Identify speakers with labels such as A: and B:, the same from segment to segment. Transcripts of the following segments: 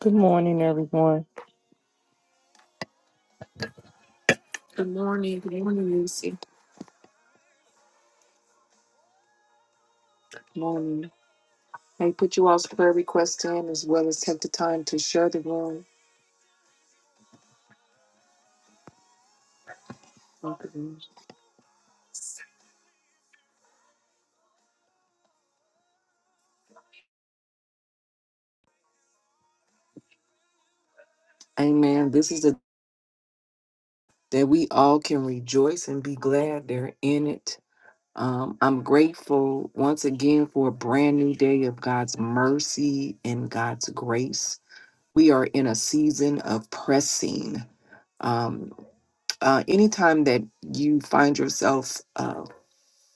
A: Good morning, everyone. Good morning. Good morning, Lucy. Good morning. I put you all's prayer request in as well as take the time to share the room. Amen. This is the that we all can rejoice and be glad they're in it. Um, I'm grateful once again for a brand new day of God's mercy and God's grace. We are in a season of pressing. Um, uh, anytime that you find yourself uh,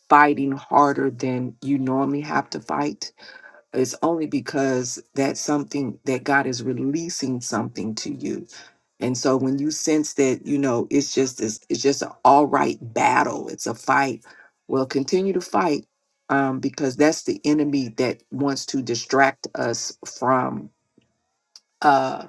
A: fighting harder than you normally have to fight, it's only because that's something that God is releasing something to you. And so when you sense that, you know, it's just this, it's just an all right battle, it's a fight, well, continue to fight um, because that's the enemy that wants to distract us from. uh,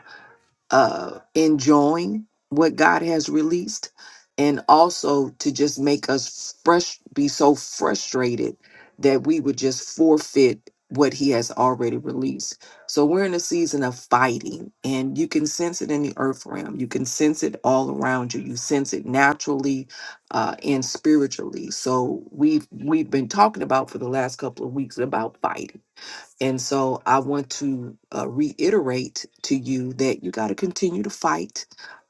A: uh, enjoying what God has released, and also to just make us fresh, be so frustrated that we would just forfeit what He has already released. So we're in a season of fighting, and you can sense it in the earth realm. You can sense it all around you. You sense it naturally uh, and spiritually. So we've we've been talking about for the last couple of weeks about fighting and so I want to uh, reiterate to you that you got to continue to fight.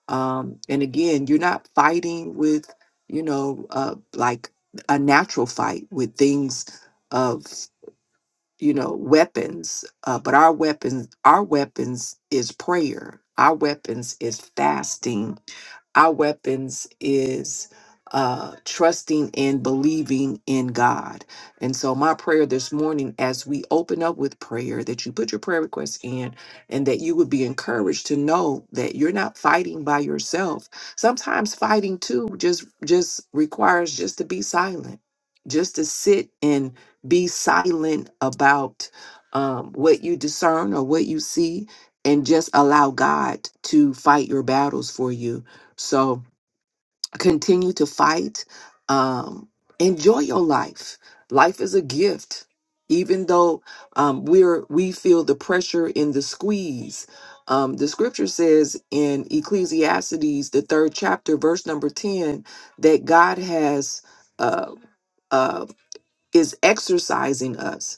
A: Um, and again, you're not fighting with, you know, uh, like a natural fight with things of you know weapons uh, but our weapons our weapons is prayer our weapons is fasting our weapons is uh, trusting and believing in God. And so, my prayer this morning, as we open up with prayer, that you put your prayer requests in and that you would be encouraged to know that you're not fighting by yourself. Sometimes fighting too just just requires just to be silent, just to sit and be silent about um, what you discern or what you see and just allow God to fight your battles for you. So continue to fight. Um, enjoy your life. Life is a gift. Even though um, we're we feel the pressure in the squeeze, um, the scripture says in Ecclesiastes, the third chapter, verse number ten, that God has uh, uh, is exercising us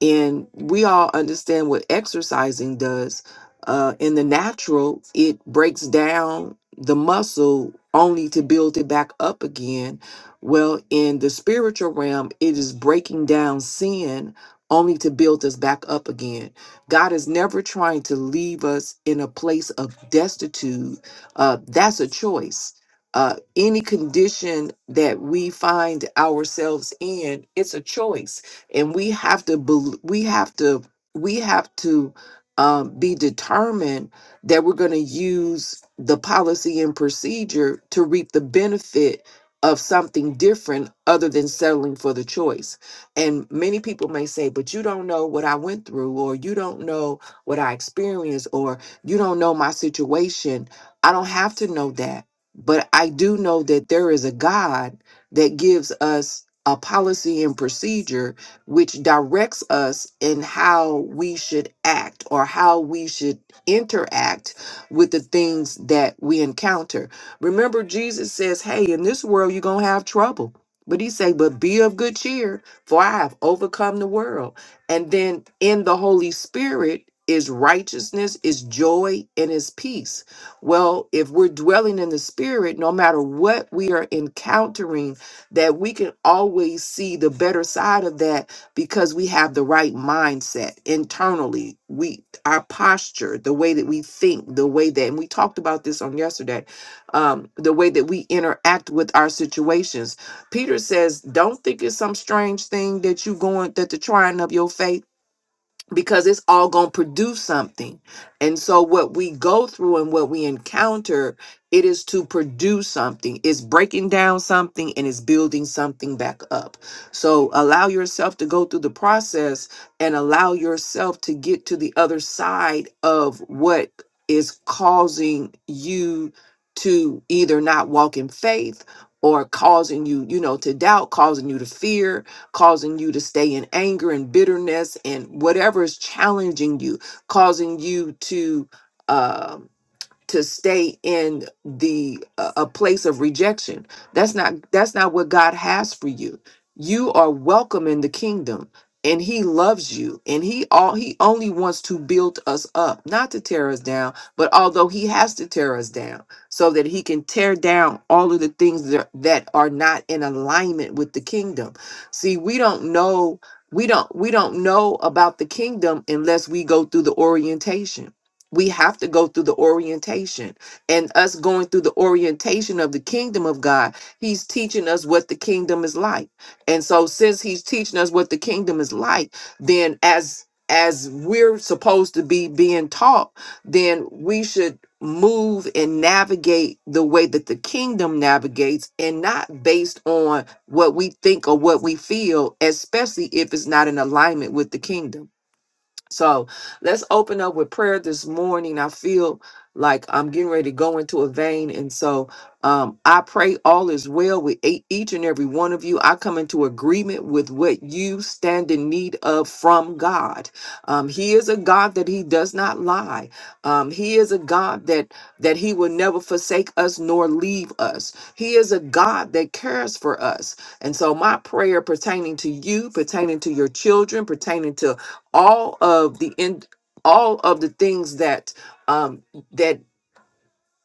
A: and we all understand what exercising does uh, in the natural it breaks down the muscle only to build it back up again well in the spiritual realm it is breaking down sin only to build us back up again god is never trying to leave us in a place of destitute uh, that's a choice uh, any condition that we find ourselves in it's a choice and we have to bel we have to we have to um, be determined that we're going to use the policy and procedure to reap the benefit of something different other than settling for the choice. And many people may say, but you don't know what I went through, or you don't know what I experienced, or you don't know my situation. I don't have to know that. But I do know that there is a God that gives us a policy and procedure which directs us in how we should act or how we should interact with the things that we encounter. Remember, Jesus says, Hey, in this world, you're going to have trouble. But he say, but be of good cheer, for I have overcome the world. And then in the Holy Spirit is righteousness, is joy, and is peace. Well, if we're dwelling in the Spirit, no matter what we are encountering, that we can always see the better side of that because we have the right mindset internally we our posture the way that we think the way that and we talked about this on yesterday um, the way that we interact with our situations peter says don't think it's some strange thing that you going that the trying of your faith because it's all going to produce something. And so what we go through and what we encounter, it is to produce something. It's breaking down something and it's building something back up. So allow yourself to go through the process and allow yourself to get to the other side of what is causing you to either not walk in faith or causing you, you know, to doubt, causing you to fear, causing you to stay in anger and bitterness and whatever is challenging you, causing you to. um to stay in the a a place of rejection that's not that's not what god has for you you are welcome in the kingdom and he loves you and he all he only wants to build us up not to tear us down but although he has to tear us down so that he can tear down all of the things that, that are not in alignment with the kingdom see we don't know we don't we don't know about the kingdom unless we go through the orientation we have to go through the orientation and us going through the orientation of the kingdom of god he's teaching us what the kingdom is like and so since he's teaching us what the kingdom is like then as as we're supposed to be being taught then we should move and navigate the way that the kingdom navigates and not based on what we think or what we feel especially if it's not in alignment with the kingdom so let's open up with prayer this morning. I feel like I'm getting ready to go into a vein. And so um, I pray all is well with e- each and every one of you. I come into agreement with what you stand in need of from God. Um, he is a God that he does not lie. Um, he is a God that that he will never forsake us nor leave us. He is a God that cares for us. And so my prayer pertaining to you, pertaining to your children, pertaining to all of the in all of the things that um that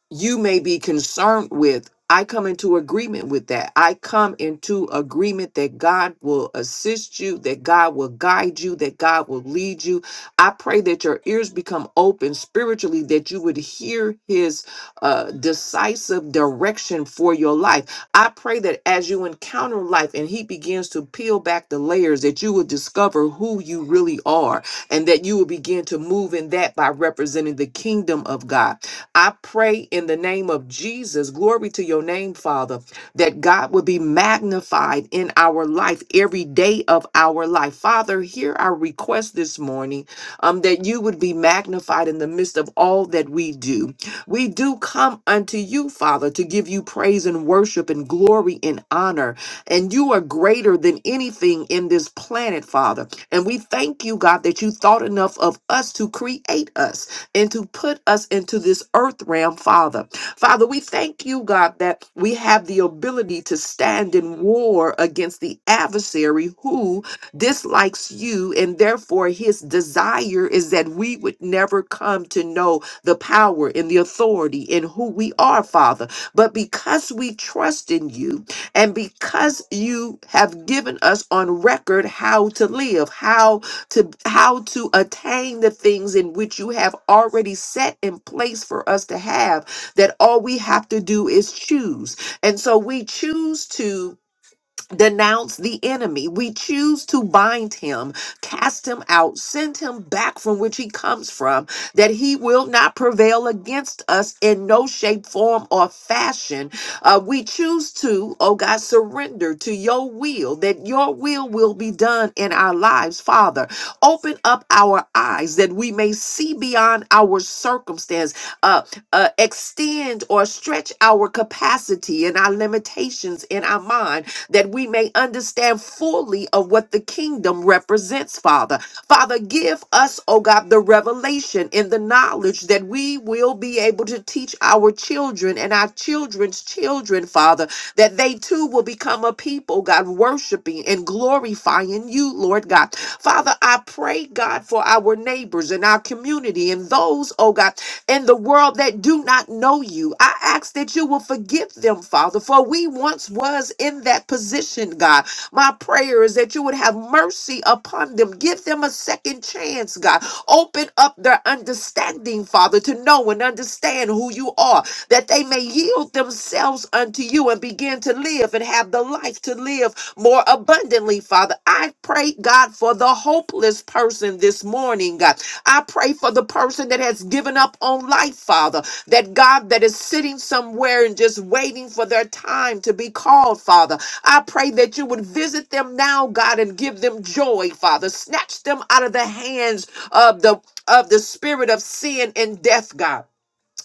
A: you may be concerned with. I come into agreement with that. I come into agreement that God will assist you, that God will guide you, that God will lead you. I pray that your ears become open spiritually, that you would hear His uh, decisive direction for your life. I pray that as you encounter life and He begins to peel back the layers, that you will discover who you really are and that you will begin to move in that by representing the kingdom of God. I pray in the name of Jesus, glory to your name, Father, that God would be magnified in our life every day of our life. Father, hear our request this morning um, that you would be magnified in the midst of all that we do. We do come unto you, Father, to give you praise and worship and glory and honor. And you are greater than anything in this planet, Father. And we thank you, God, that you thought enough of us to create us and to put us into this earth realm, Father. Father, we thank you, God, that we have the ability to stand in war against the adversary who dislikes you, and therefore his desire is that we would never come to know the power and the authority in who we are, Father. But because we trust in you, and because you have given us on record how to live, how to how to attain the things in which you have already set in place for us to have that all we have to do is choose and so we choose to denounce the enemy. We choose to bind him, cast him out, send him back from which he comes from, that he will not prevail against us in no shape, form, or fashion. Uh, we choose to, oh God, surrender to your will, that your will will be done in our lives, Father. Open up our eyes that we may see beyond our circumstance, uh, uh, extend or stretch our capacity and our limitations in our mind that we may understand fully of what the kingdom represents, Father. Father, give us, oh God, the revelation and the knowledge that we will be able to teach our children and our children's children, Father, that they too will become a people, God, worshiping and glorifying you, Lord God. Father, I pray, God, for our neighbors and our community and those, oh God, in the world that do not know you. I ask that you will forgive them, Father, for we once was in that position, God. My prayer is that you would have mercy upon them. Give them a second chance, God. Open up their understanding, Father, to know and understand who you are, that they may yield themselves unto you and begin to live and have the life to live more abundantly, Father. I pray, God, for the hopeless person on this morning, God. I pray for the person that has given up on life, Father, that God that is sitting somewhere and just waiting for their time to be called, Father. I pray that you would visit them now, God, and give them joy, Father. Snatch them out of the hands of the of the spirit of sin and death, God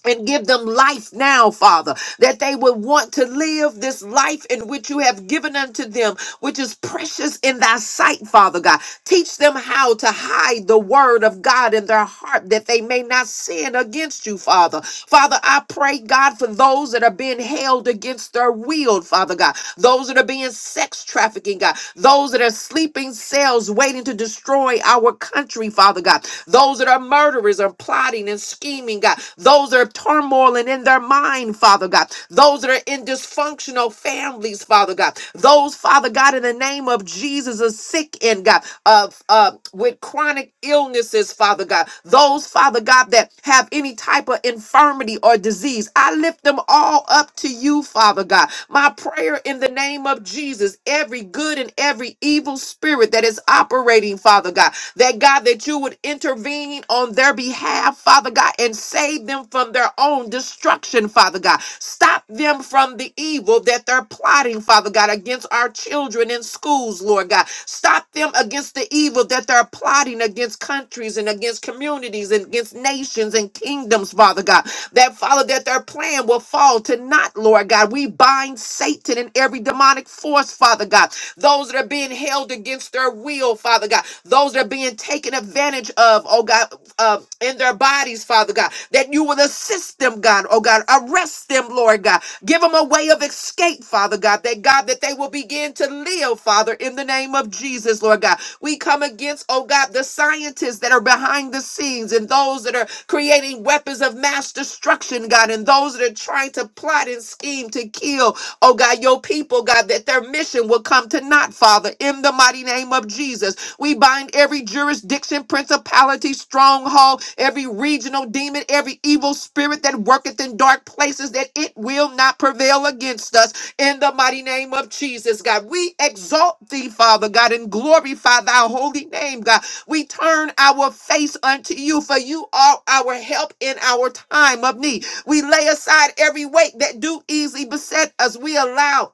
A: and give them life now, Father, that they would want to live this life in which you have given unto them, which is precious in thy sight, Father God. Teach them how to hide the word of God in their heart that they may not sin against you, Father. Father, I pray, God, for those that are being held against their will, Father God, those that are being sex trafficking, God, those that are sleeping cells waiting to destroy our country, Father God, those that are murdered murderers are plotting and scheming, God. Those that are turmoiling in their mind, Father God. Those that are in dysfunctional families, Father God. Those, Father God, in the name of Jesus, are sick in God, of uh, with chronic illnesses, Father God. Those, Father God, that have any type of infirmity or disease. I lift them all up to you, Father God. My prayer in the name of Jesus, every good and every evil spirit that is operating, Father God that God, that you would intervene on their behalf, Father God, and save them from their own destruction, Father God. Stop them from the evil that they're plotting, Father God, against our children in schools, Lord God. Stop them against the evil that they're plotting against countries and against communities and against nations and kingdoms, Father God. That, Father, that their plan will fall to naught, Lord God. God. We bind Satan and every demonic force, Father God. Those that are being held against their will, Father God. Those that are being taken advantage of, oh God, uh, in their bodies, Father God. That you will assist them, God, oh God. Arrest them, Lord God. Give them a way of escape, Father God. That God, that they will begin to live, Father, in the name of Jesus, Lord God. We come against, oh God, the scientists scientists that are behind the scenes and those that are creating weapons of mass destruction, God, and those that are trying to plot and scheme to kill, oh God, your people, God, that their mission will come to naught, Father, in the mighty name of Jesus. We bind every jurisdiction, principality, stronghold, every regional demon, every evil spirit that worketh in dark places, that it will not prevail against us in the mighty name of Jesus, God. We exalt thee, Father God, and glorify thy holy name, God. We turn our face unto you, for you are our help in our time of need. We lay aside every weight that do easily beset us. We allow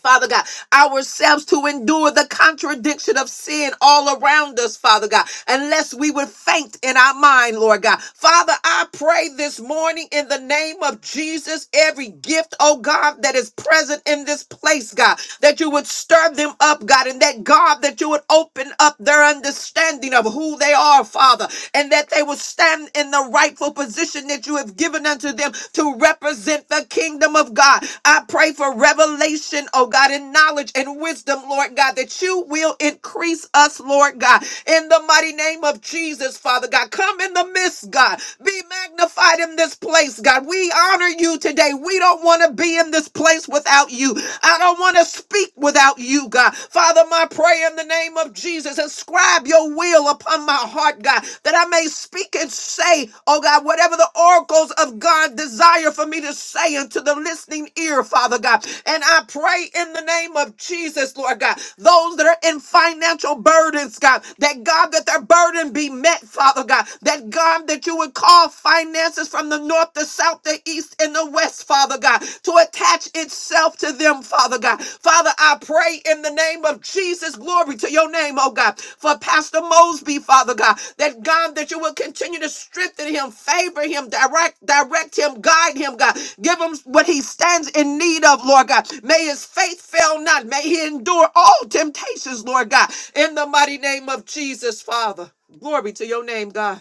A: Father God, ourselves to endure the contradiction of sin all around us, Father God, unless we would faint in our mind, Lord God. Father, I pray this morning in the name of Jesus, every gift, oh God, that is present in this place, God, that you would stir them up, God, and that God, that you would open up their understanding of who they are, Father, and that they would stand in the rightful position commission that you have given unto them to represent the kingdom of God. I pray for revelation, oh God, and knowledge and wisdom, Lord God, that you will increase us, Lord God, in the mighty name of Jesus, Father God. Come in the midst, God. Be magnified in this place, God. We honor you today. We don't want to be in this place without you. I don't want to speak without you, God. Father, my prayer in the name of Jesus, inscribe your will upon my heart, God, that I may speak and say, oh God, whatever the oracles of God desire for me to say unto the listening ear, Father God. And I pray in the name of Jesus, Lord God, those that are in financial burdens, God, that God, that their burden be met, Father God, that God, that you would call finances from the north, the south, the east, and the west, Father God, to attach itself to them, Father God. Father, I pray in the name of Jesus, glory to your name, oh God, for Pastor Mosby, Father God, that God, that you will continue to strengthen him, favor him, direct, direct him, guide him, God. Give him what he stands in need of, Lord God. May his faith fail not. May he endure all temptations, Lord God, in the mighty name of Jesus, Father. Glory to your name, God.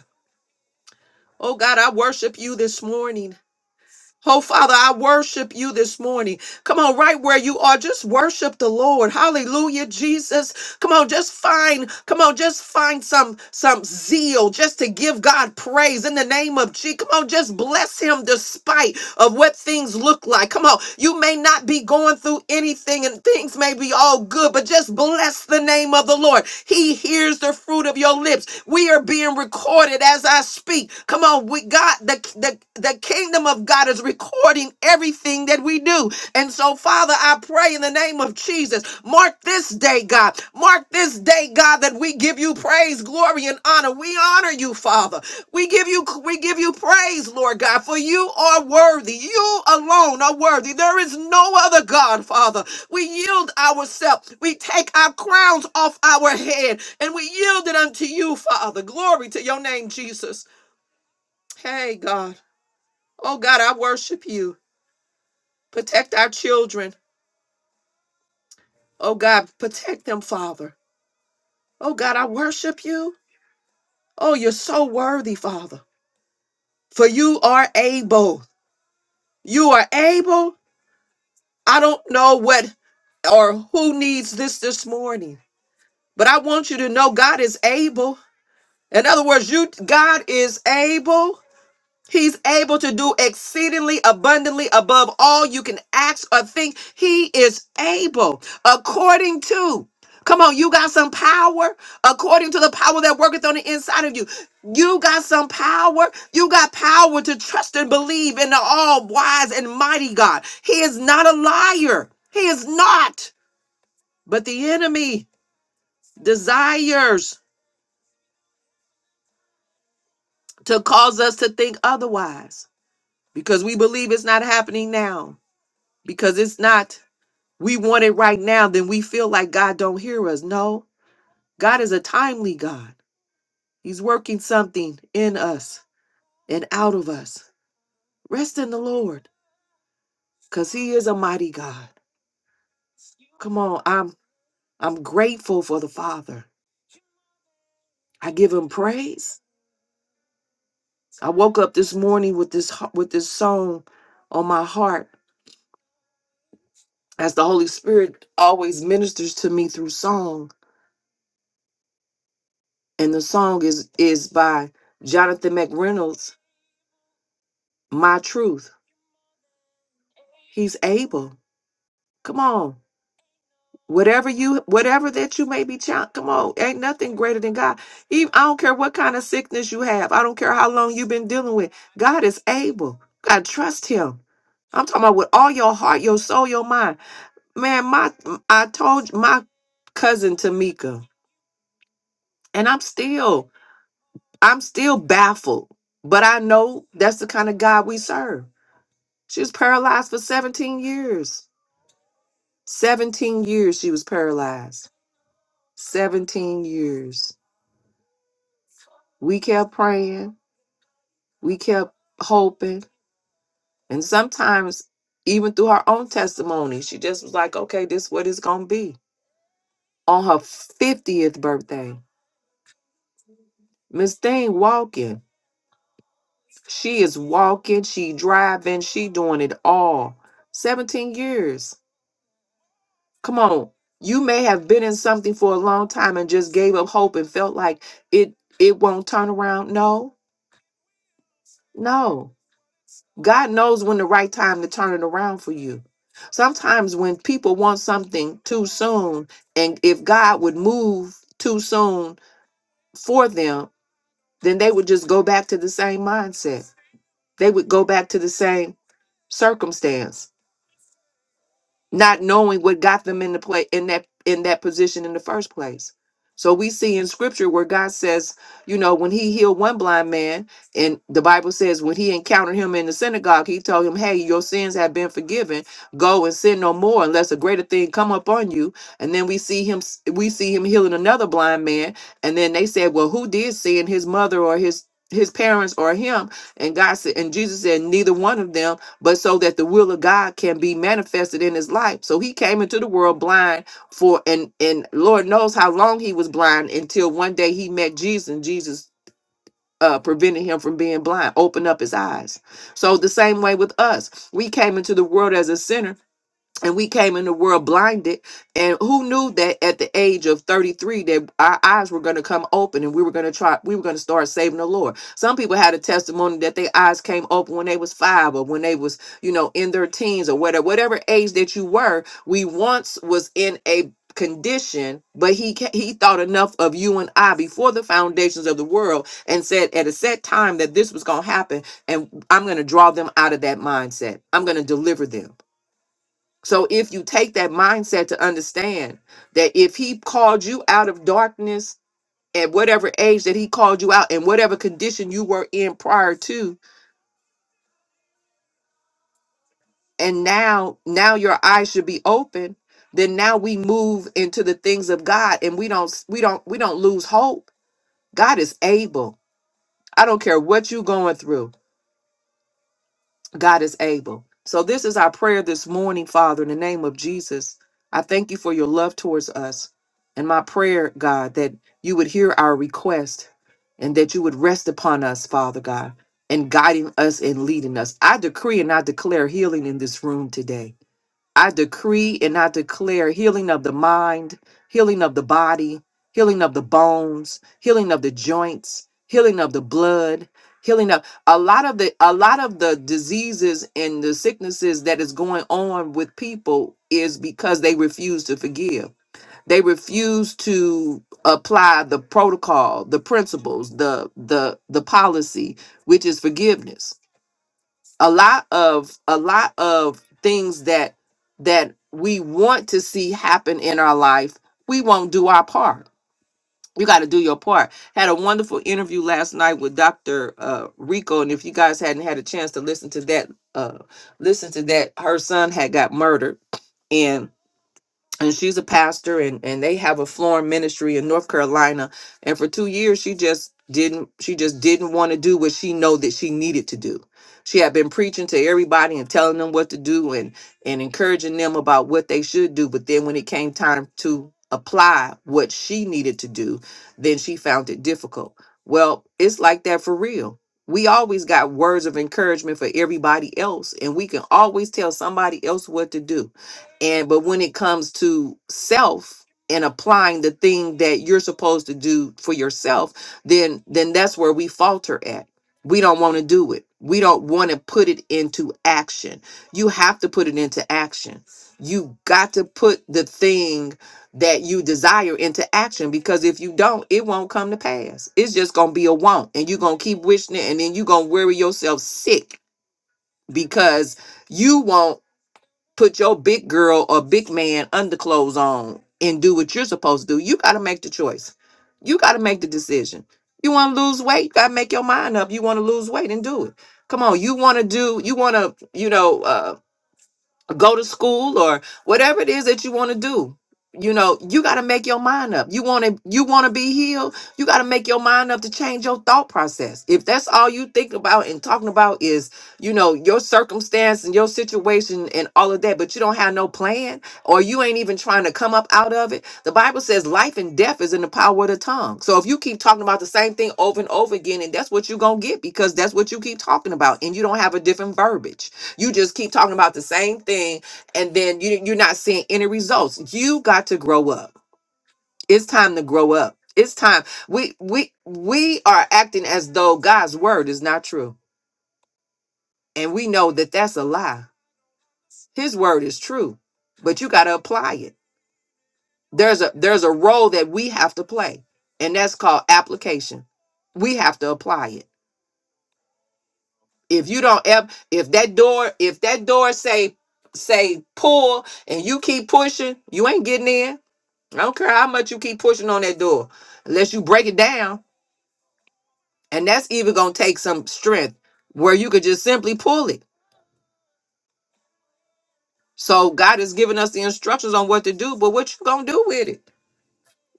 A: Oh God, I worship you this morning. Oh, Father, I worship you this morning. Come on, right where you are, just worship the Lord. Hallelujah, Jesus. Come on, just find, come on, just find some some zeal just to give God praise in the name of Jesus. Come on, just bless him despite of what things look look like. Come on. You may not be going through anything and things may be all good, but just bless the name of the Lord. He hears the fruit of your lips. We are being recorded as I speak. Come on. We got the, the, the kingdom of God is recording everything that we do. And so, Father, I pray in the name of Jesus, mark this day, God. Mark this day, God, that we give you praise, glory, and honor. We honor you, Father. We give you we give you praise, Lord God, for you are worthy. You alone are worthy. There is no other God, Father. We yield ourselves. We take our crowns off our head and we yield it unto you, Father. Glory to your name, Jesus. Hey, God. Oh, God, I worship you. Protect our children. Oh God, protect them, Father. Oh God, I worship you. Oh, you're so worthy, Father. For you are able. You are able. I don't know what or who needs this this morning, but I want you to know God is able. In other words, you God is able. He's able to do exceedingly abundantly above all you can ask or think. He is able according to. Come on, you got some power according to the power that worketh on the inside of you. You got some power. You got power to trust and believe in the all wise and mighty God. He is not a liar. He is not. But the enemy desires to cause us to think otherwise because we believe it's not happening now, because it's not we want it right now, then we feel like God don't hear us. No, God is a timely God. He's working something in us and out of us. Rest in the Lord, because He is a mighty God. Come on, I'm I'm grateful for the Father. I give him praise. I woke up this morning with this h- with this song on my heart as the Holy Spirit always ministers to me through song. And the song is is by Jonathan McReynolds, My Truth. He's able. Come on. Whatever you, whatever that you may be, challenged, come on. Ain't nothing greater than God. Even, I don't care what kind of sickness you have. I don't care how long you've been dealing with. God is able. God, trust Him. I'm talking about with all your heart, your soul, your mind. Man, my, I told my cousin Tamika, and I'm still, I'm still baffled. But I know that's the kind of God we serve. She was paralyzed for 17 years. 17 years she was paralyzed 17 years. We kept praying, we kept hoping, and sometimes even through her own testimony, she just was like, okay, this is what it's going to be. On her 50th birthday, Miss Thing walking. She is walking, she driving, she doing it all. 17 years. Come on. You may have been in something for a long time and just gave up hope and felt like it it won't turn around. No. No God knows when the right time to turn it around for you. Sometimes when people want something too soon, and if God would move too soon for them, then they would just go back to the same mindset. They would go back to the same circumstance not knowing what got them in the play in that in that position in the first place. So we see in scripture where God says, you know, when he healed one blind man, and the Bible says when he encountered him in the synagogue, he told him, Hey, your sins have been forgiven. Go and sin no more unless a greater thing come upon you. And then we see him we see him healing another blind man. And then they said, Well, who did sin? His mother or his his parents or him? And God said, and Jesus said, Neither one of them but so that the will of God can be manifested in his life. So he came into the world blind for and and Lord knows how long he was blind until one day he met Jesus and Jesus uh, prevented him from being blind, opened up his eyes. So the same way with us, we came into the world as a sinner and we came in the world blinded and who knew that at the age of 33 that our eyes were going to come open and we were going to try we were going to start saving the lord some people had a testimony that their eyes came open when they was five or when they was you know in their teens or whatever whatever age that you were we once was in a condition but he ca- he thought enough of you and i before the foundations of the world and said at a set time that this was going to happen and i'm going to draw them out of that mindset i'm going to deliver them so if you take that mindset to understand that if he called you out of darkness at whatever age that he called you out and whatever condition you were in prior to and now now your eyes should be open then now we move into the things of God and we don't we don't we don't lose hope. God is able. I don't care what you're going through. God is able. So, this is our prayer this morning, Father, in the name of Jesus. I thank you for your love towards us. And my prayer, God, that you would hear our request and that you would rest upon us, Father God, and guiding us and leading us. I decree and I declare healing in this room today. I decree and I declare healing of the mind, healing of the body, healing of the bones, healing of the joints, healing of the blood, healing of a lot of the a lot of the diseases and the sicknesses that is going on with people is because they refuse to forgive. They refuse to apply the protocol, the principles, the the the policy, which is forgiveness a lot of a lot of things that that we want to see happen in our life we won't do our part you got to do your part had a wonderful interview last night with dr uh, rico and if you guys hadn't had a chance to listen to that uh, listen to that her son had got murdered and she's a pastor and, and they have a flooring ministry in north carolina and for two years she just didn't she just didn't want to do what she know that she needed to do she had been preaching to everybody and telling them what to do and and encouraging them about what they should do but then when it came time to apply what she needed to do then she found it difficult well it's like that for real we always got words of encouragement for everybody else and we can always tell somebody else what to do and but when it comes to self and applying the thing that you're supposed to do for yourself, then then that's where we falter at. We don't want to do it. We don't want to put it into action. You have to put it into action. You got to put the thing that you desire into action because if you don't, it won't come to pass. It's just going to be a want and you're going to keep wishing it and then you're going to worry yourself sick because you won't put your big girl or big man underclothes on and do what you're supposed to do. You got to make the choice. You got to make the decision. You want to lose weight? You got to make your mind up. You want to lose weight and do it. Come on. You want to do, you want to, you know, Uh go to school or whatever it is that you want to do you know you got to make your mind up you want to you want to be healed you got to make your mind up to change your thought process if that's all you think about and talking about is you know your circumstance and your situation and all of that but you don't have no plan or you ain't even trying to come up out of it the bible says life and death is in the power of the tongue so if you keep talking about the same thing over and over again and that's what you're gonna get because that's what you keep talking about and you don't have a different verbiage you just keep talking about the same thing, and then you you're not seeing any results. You got to grow up. It's time to grow up. It's time. We we we are acting as though God's word is not true, and we know that that's a lie. His word is true, but you got to apply it. There's a there's a role that we have to play, and that's called application. We have to apply it. If you don't ever, if that door, if that door say say pull, and you keep pushing, you ain't getting in I don't care how much you keep pushing on that door, unless you break it down. And that's even going to take some strength where you could just simply pull it. So God has given us the instructions on what to do, but what you going to do with it?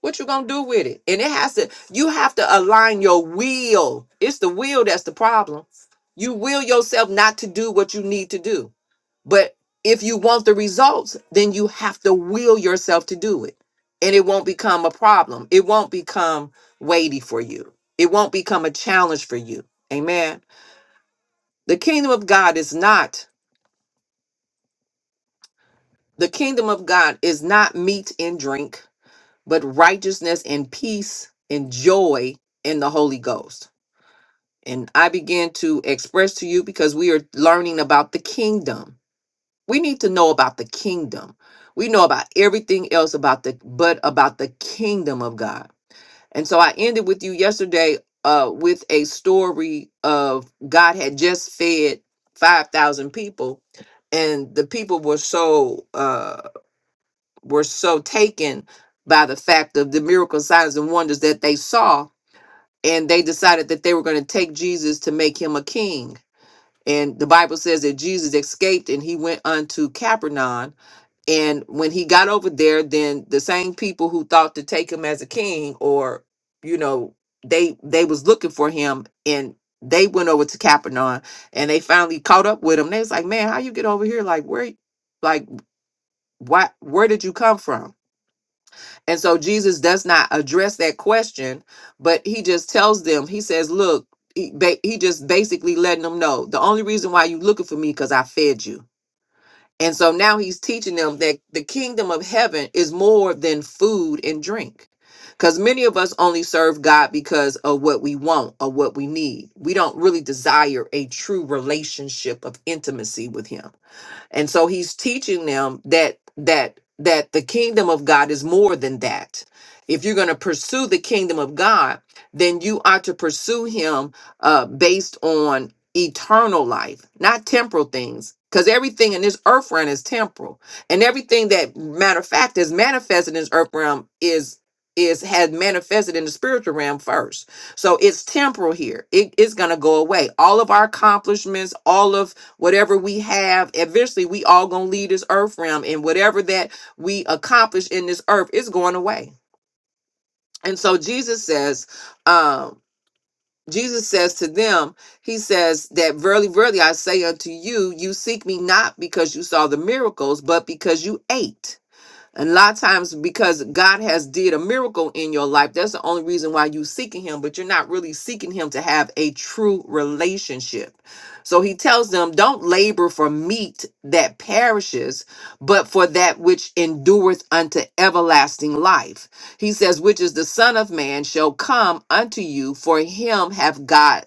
A: What you going to do with it? And it has to, you have to align your will. It's the will that's the problem. You will yourself not to do what you need to do. But if you want the results, then you have to will yourself to do it. And it won't become a problem. It won't become weighty for you. It won't become a challenge for you. Amen. The kingdom of God is not the kingdom of God is not meat and drink, but righteousness and peace and joy in the Holy Ghost. And I begin to express to you because we are learning about the kingdom we need to know about the kingdom we know about everything else about the but about the kingdom of god and so i ended with you yesterday uh with a story of god had just fed 5000 people and the people were so uh were so taken by the fact of the miracle signs and wonders that they saw and they decided that they were going to take jesus to make him a king and the bible says that jesus escaped and he went unto capernaum and when he got over there, then the same people who thought to take him as a king or, you know, they they was looking for him and they went over to Capernaum and they finally caught up with him. They was like, Man, how you get over here? Like where like why where did you come from? And so Jesus does not address that question, but he just tells them, he says, Look, he, ba- he just basically letting them know the only reason why you looking for me because I fed you and so now he's teaching them that the kingdom of heaven is more than food and drink. Because many of us only serve God because of what we want or what we need. We don't really desire a true relationship of intimacy with Him and so he's teaching them that that that the kingdom of god is more than that if you're going to pursue the kingdom of god then you ought to pursue him uh based on eternal life not temporal things because everything in this earth realm is temporal and everything that matter of fact is manifested in this earth realm is is had manifested in the spiritual realm first so it's temporal here it is going to go away all of our accomplishments all of whatever we have eventually we all gonna leave this earth realm and whatever that we accomplish in this earth is going away and so jesus says um jesus says to them he says that verily verily i say unto you you seek me not because you saw the miracles but because you ate and a lot of times because God has did a miracle in your life, that's the only reason why you seeking him, but you're not really seeking him to have a true relationship. So he tells them, don't labor for meat that perishes, but for that which endureth unto everlasting life. He says, which is the son of man shall come unto you, for him have God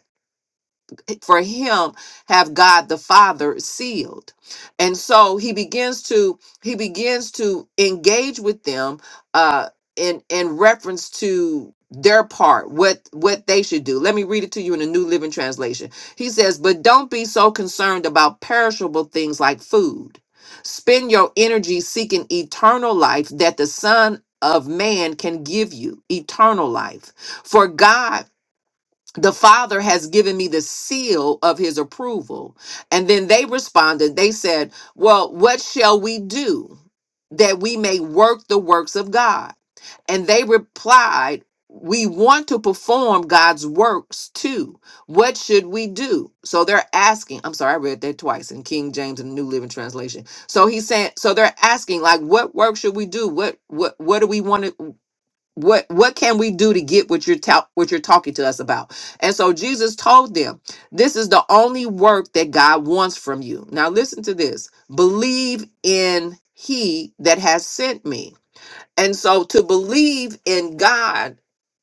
A: for him have God the Father sealed. And so he begins to he begins to engage with them uh in in reference to their part what what they should do let me read it to you in the new living translation he says but don't be so concerned about perishable things like food spend your energy seeking eternal life that the son of man can give you eternal life for god the father has given me the seal of his approval and then they responded they said well what shall we do that we may work the works of god and they replied we want to perform god's works too what should we do so they're asking i'm sorry i read that twice in king james and new living translation so he said so they're asking like what work should we do what what what do we want to what what can we do to get what you're ta- what you're talking to us about and so jesus told them this is the only work that god wants from you now listen to this believe in he that has sent me and so to believe in God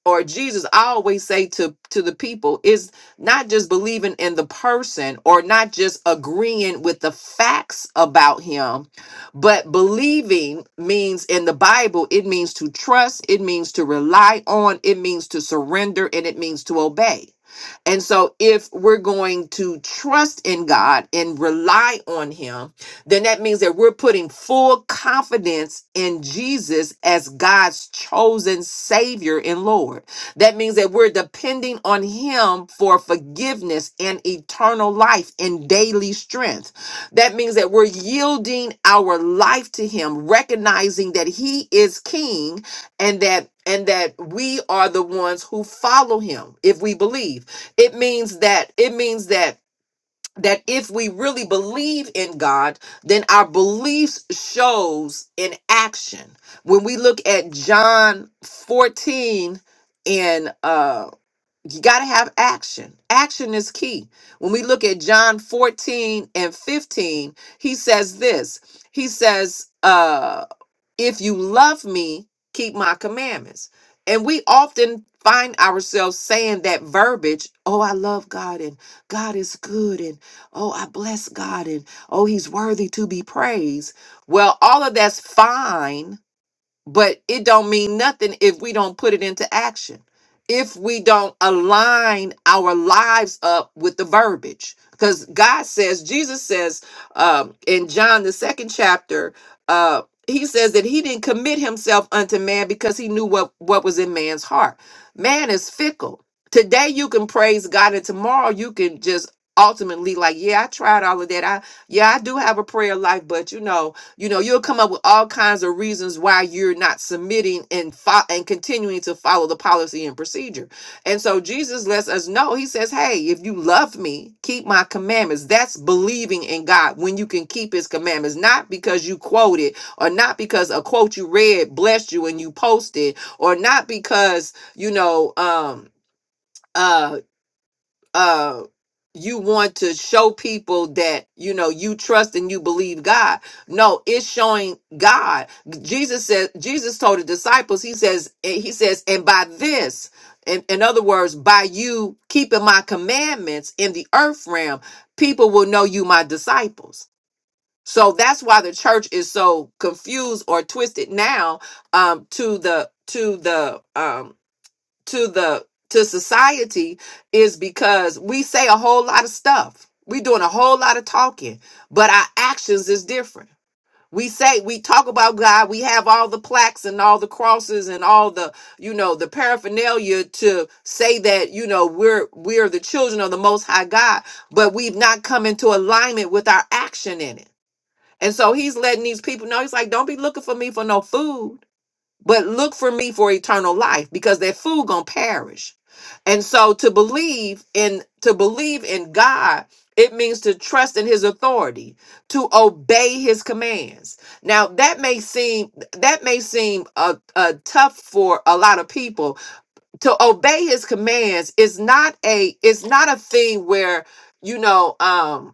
A: or Jesus, I always say to, to the people, is not just believing in the person or not just agreeing with the facts about him, but believing means in the Bible, it means to trust, it means to rely on, it means to surrender, and it means to obey. And so, if we're going to trust in God and rely on Him, then that means that we're putting full confidence in Jesus as God's chosen Savior and Lord. That means that we're depending on Him for forgiveness and eternal life and daily strength. That means that we're yielding our life to Him, recognizing that He is King and that. And that we are the ones who follow him if we believe. It means that, it means that that if we really believe in God, then our beliefs shows in action. When we look at John 14 and uh you got to have action. Action is key. When we look at John 14 and 15, he says this. He says uh, if you love me, keep my commandments. And we often find ourselves saying that verbiage, oh, I love God and God is good and oh, I bless God and oh, he's worthy to be praised. Well, all of that's fine but it don't mean nothing if we don't put it into action if we don't align our lives up with the verbiage because god says jesus says um, in john the second chapter uh, he says that he didn't commit himself unto man because he knew what, what was in man's heart man is fickle today you can praise god and tomorrow you can just ultimately like yeah i tried all of that i yeah i do have a prayer life but you know you know, you'll come up with all kinds of reasons why you're not submitting and fo- and continuing to follow the policy and procedure. And so Jesus lets us know. He says, "Hey, if you love me, keep my commandments." That's believing in God when you can keep His commandments, not because you quoted or not because a quote you read blessed you and you posted, or not because you know um uh uh you want to show people that you know you trust and you believe God. No, it's showing God. Jesus said Jesus told the disciples, he says, eh, he says, and by this, in, in other words, by you keeping my commandments in the earth realm, people will know you my disciples. So that's why the church is so confused or twisted now um to the to the um to the to society is because we say a whole lot of stuff. We doing a whole lot of talking, but our actions is different. We say we talk about God, we have all the plaques and all the crosses and all the you know the paraphernalia to say that you know we're we're the children of the most high God, but we've not come into alignment with our action in it. And so he's letting these people know he's like don't be looking for me for no food but look for me for eternal life because that food gonna perish and so to believe in to believe in god it means to trust in his authority to obey his commands now that may seem that may seem uh, uh, tough for a lot of people to obey his commands is not a it's not a thing where you know um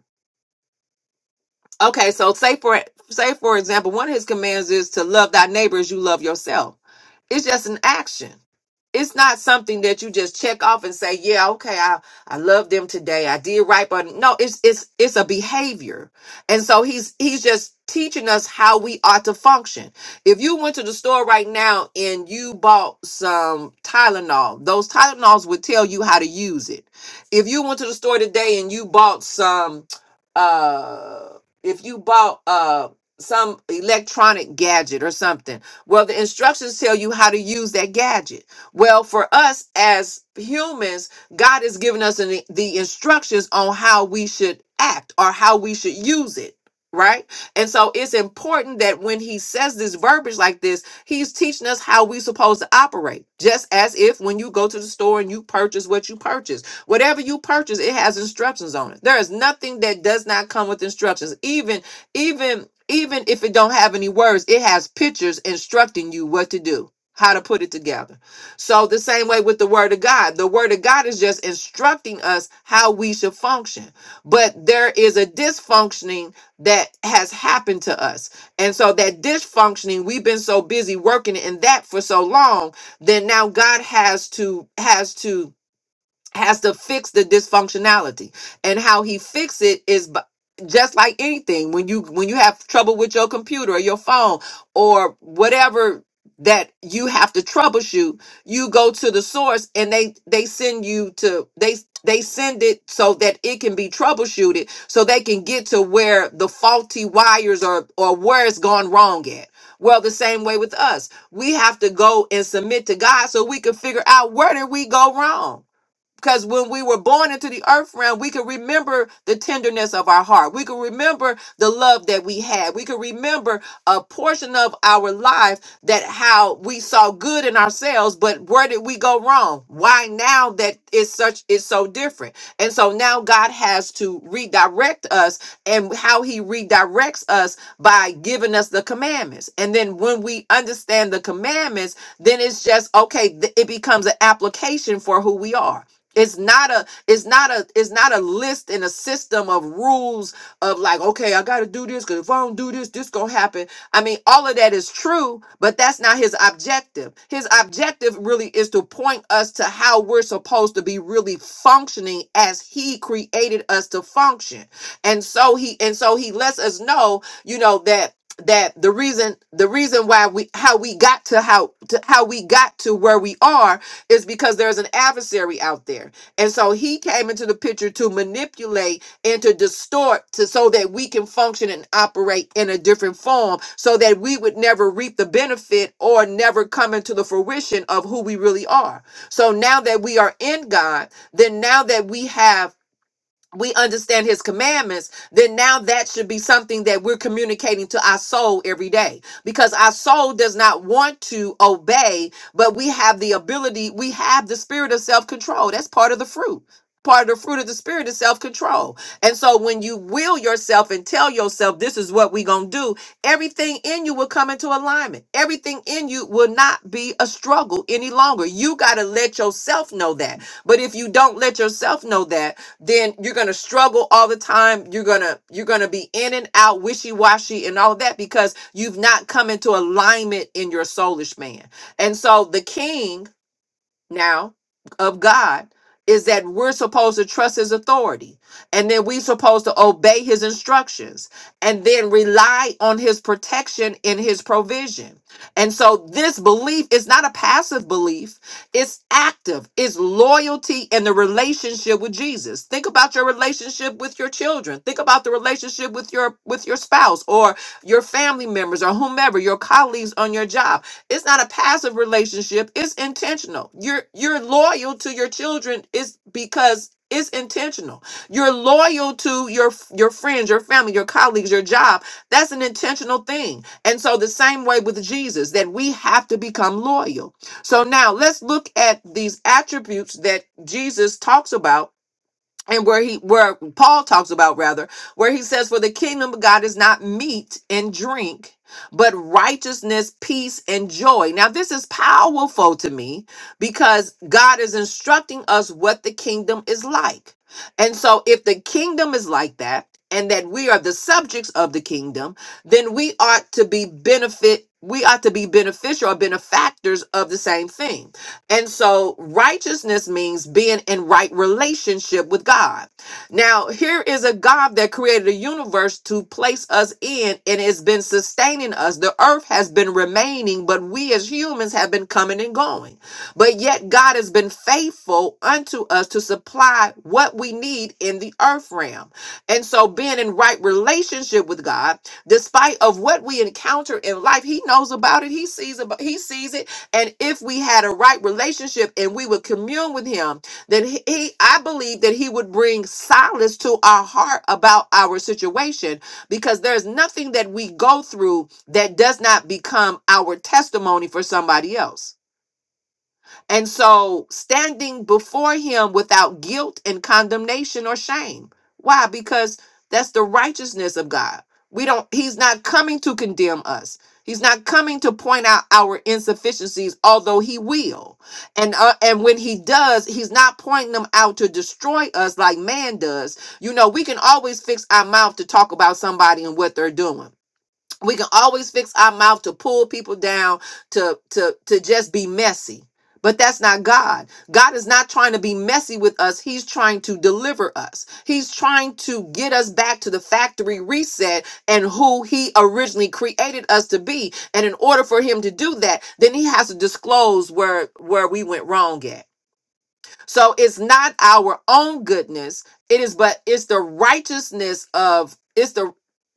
A: Okay, so say for say for example, one of his commands is to love thy neighbor as you love yourself. It's just an action. It's not something that you just check off and say, "Yeah, okay, I I love them today. I did right." But no, it's it's it's a behavior, and so he's he's just teaching us how we ought to function. If you went to the store right now and you bought some Tylenol, those Tylenols would tell you how to use it. If you went to the store today and you bought some. Uh, if you bought uh some electronic gadget or something well the instructions tell you how to use that gadget well for us as humans god has given us an, the instructions on how we should act or how we should use it right and so it's important that when he says this verbiage like this he's teaching us how we are supposed to operate just as if when you go to the store and you purchase what you purchase Whatever you purchase, it has instructions on it. There is nothing that does not come with instructions. Even, even, even if it don't have any words, it has pictures instructing you what to do, how to put it together. So the same way with the word of God, the word of God is just instructing us how we should function. But there is a dysfunctioning that has happened to us. And so that dysfunctioning, we've been so busy working in that for so long, then now God has to has to has to fix the dysfunctionality and how he fix it is b- just like anything when you when you have trouble with your computer or your phone or whatever that you have to troubleshoot you go to the source and they they send you to they they send it so that it can be troubleshooted so they can get to where the faulty wires are or where it's gone wrong at well the same way with us we have to go and submit to god so we can figure out where did we go wrong because when we were born into the earth realm, we can remember the tenderness of our heart. We can remember the love that we had. We can remember a portion of our life that how we saw good in ourselves, but where did we go wrong? Why now that is such is so different? And so now God has to redirect us, and how He redirects us by giving us the commandments. And then when we understand the commandments, then it's just okay. th- It becomes an application for who we are. It's not a it's not a it's not a list and a system of rules of like, okay, I gotta do this because if I don't do this, this gonna happen. I mean, all of that is true, but that's not his objective. His objective really is to point us to how we're supposed to be really functioning as he created us to function. And so he and so he lets us know, you know, that that the reason the reason why we how we got to how to how we got to where we are is because there's an adversary out there. And so he came into the picture to manipulate and to distort to so that we can function and operate in a different form so that we would never reap the benefit or never come into the fruition of who we really are. So now that we are in God, then now that we have we understand his commandments, then now that should be something that we're communicating to our soul every day because our soul does not want to obey, but we have the ability, we have the spirit of self control. That's part of the fruit. Part of the fruit of the spirit is self control. And so when you will yourself and tell yourself, this is what we're going to do, everything in you will come into alignment. Everything in you will not be a struggle any longer. You got to let yourself know that. But if you don't let yourself know that, then you're going to struggle all the time you're going to you're going to be in and out wishy-washy and all of that because you've not come into alignment in your soulish man and so the king now of God is that we're supposed to trust his authority and then we're supposed to obey his instructions and then rely on his protection and his provision. And so this belief is not a passive belief, it's active, it's loyalty in the relationship with Jesus. Think about your relationship with your children. Think about the relationship with your with your spouse or your family members or whomever, your colleagues on your job it's not a passive relationship. It's intentional. You're you're loyal to your children is because it's intentional. You're loyal to your your friends, your family, your colleagues, your job. That's an intentional thing. And so the same way with Jesus that we have to become loyal. So now let's look at these attributes that Jesus talks about and where he where paul talks about rather where he says for the kingdom of god is not meat and drink but righteousness peace and joy now this is powerful to me because god is instructing us what the kingdom is like and so if the kingdom is like that and that we are the subjects of the kingdom then we ought to be benefit we ought to be beneficial or benefactors of the same thing and so righteousness means being in right relationship with God. Now, here is a God that created a universe to place us in and has been sustaining us. The earth has been remaining, but we as humans have been coming and going. But yet God has been faithful unto us to supply what we need in the earth realm. And so being in right relationship with God, despite of what we encounter in life, he knows about it. He sees about he sees it and if we had a right relationship and we would commune with him, then he, he- I believe that he would bring solace to our heart about our situation because there's nothing that we go through that does not become our testimony for somebody else. And so standing before him without guilt and condemnation or shame. Why? Because that's the righteousness of God. We don't he's not coming to condemn us. He's not coming to point out our insufficiencies, although he will. And uh, and when he does, he's not pointing them out to destroy us like man does. You know, we can always fix our mouth to talk about somebody and what they're doing we can always fix our mouth to pull people down to to to just be messy but that's not god god is not trying to be messy with us he's trying to deliver us he's trying to get us back to the factory reset and who he originally created us to be and in order for him to do that then he has to disclose where where we went wrong at so it's not our own goodness. It is but it's the righteousness of it's the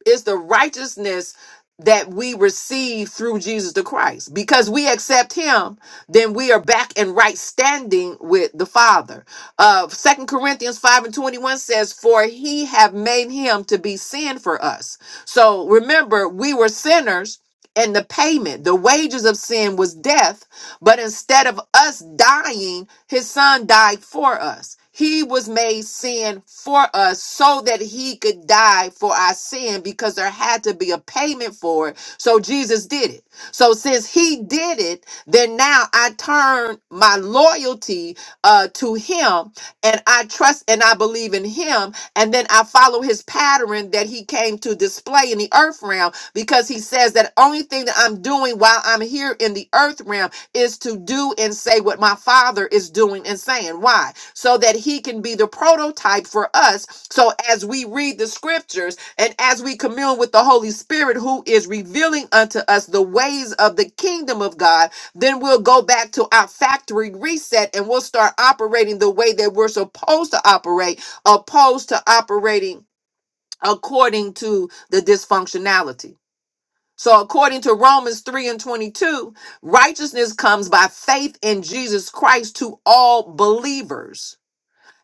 A: it's the righteousness that we receive through Jesus the Christ. Because we accept him, then we are back in right standing with the Father. Uh Second Corinthians 5 and 21 says, For he have made him to be sin for us. So remember, we were sinners, and the payment, the wages of sin was death but instead of us dying, his son died for us. He was made sin for us so that he could die for our sin because there had to be a payment for it. So Jesus did it. So since he did it, then now I turn my loyalty uh, to him and I trust and I believe in him. And then I follow his pattern that he came to display in the earth realm because he says that only thing that I'm doing while I'm here in the earth realm is to do and say what my father is doing and saying. Why? So that he can be the prototype for us. So as we read the scriptures and as we commune with the Holy Spirit, who is revealing unto us the ways of the kingdom of God, then we'll go back to our factory reset and we'll start operating the way that we're supposed to operate, opposed to operating according to the dysfunctionality. So, according to Romans 3 and 22, righteousness comes by faith in Jesus Christ to all believers.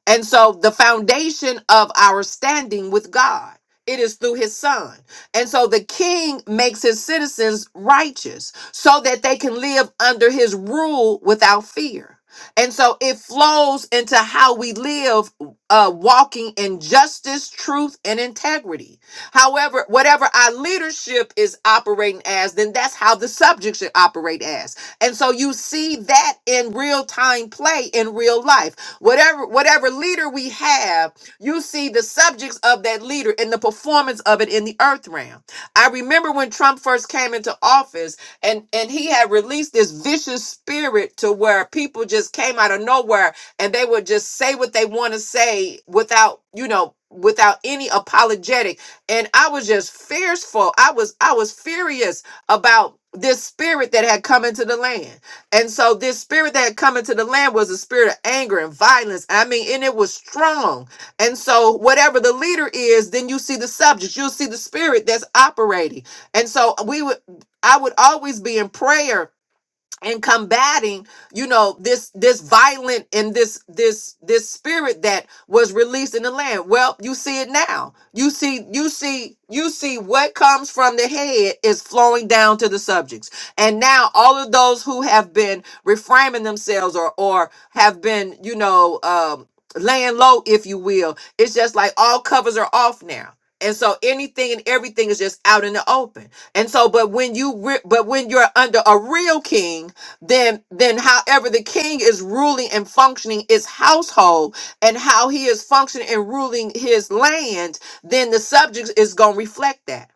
A: And so the foundation of our standing with God, it is through his son. And so the king makes his citizens righteous so that they can live under his rule without fear. And so it flows into how we live, uh, walking in justice, truth, and integrity. However, whatever our leadership is operating as, then that's how the subject should operate as. And so you see that in real time play in real life. Whatever whatever leader we have, you see the subjects of that leader and the performance of it in the earth realm. I remember when Trump first came into office and and he had released this vicious spirit to where people just came out of nowhere and they would just say what they want to say without, you know, without any apologetic. And I was just fearful. I was I was furious about this spirit that had come into the land. And so this spirit that had come into the land was a spirit of anger and violence. I mean, and it was strong. And so whatever the leader is, then you see the subject, you'll see the spirit that's operating. And so we would I would always be in prayer and combating you know this this violent and this this this spirit that was released in the land well you see it now you see you see you see what comes from the head is flowing down to the subjects and now all of those who have been reframing themselves or or have been you know um laying low if you will it's just like all covers are off now and so anything and everything is just out in the open and so but when you re- but when you're under a real king then then however the king is ruling and functioning his household and how he is functioning and ruling his land then the subject is going to reflect that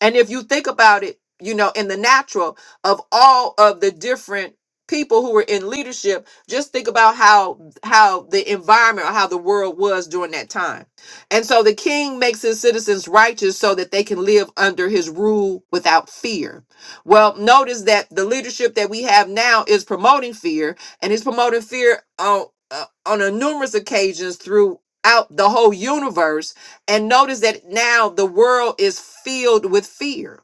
A: and if you think about it, you know, in the natural of all of the different people who were in leadership, just think about how how the environment or how the world was during that time. And so the king makes his citizens righteous so that they can live under his rule without fear. Well, notice that the leadership that we have now is promoting fear and he's promoting fear on uh, on a numerous occasions throughout the whole universe and notice that now the world is filled with fear.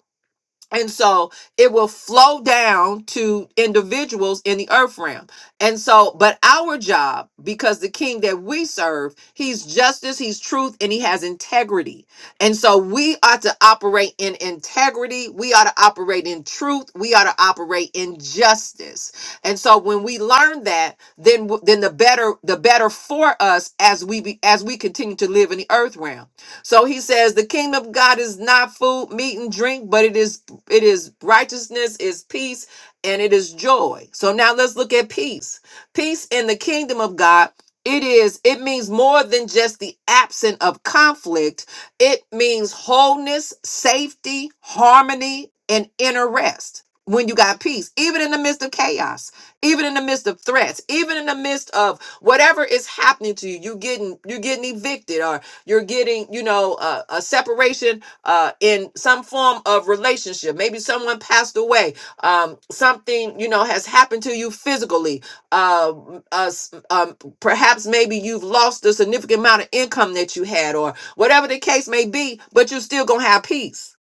A: And so it will flow down to individuals in the earth realm. And so, but our job, because the king that we serve, he's justice, he's truth, and he has integrity. And so we ought to operate in integrity. We ought to operate in truth. We ought to operate in justice. And so when we learn that, then, w- then the better, the better for us as we be, as we continue to live in the earth realm. So he says, The kingdom of God is not food, meat, and drink, but it is it is righteousness, is peace, and it is joy. So now let's look at peace. Peace in the kingdom of God. It is, it means more than just the absence of conflict. It means wholeness, safety, harmony, and inner rest. When you got peace, even in the midst of chaos, even in the midst of threats, even in the midst of whatever is happening to you, you getting you're getting evicted or you're getting, you know, a, a separation uh, in some form of relationship. Maybe someone passed away. Um, something you know has happened to you physically. Uh, uh, s- um, perhaps maybe you've lost a significant amount of income that you had, or whatever the case may be. But you're still gonna have peace.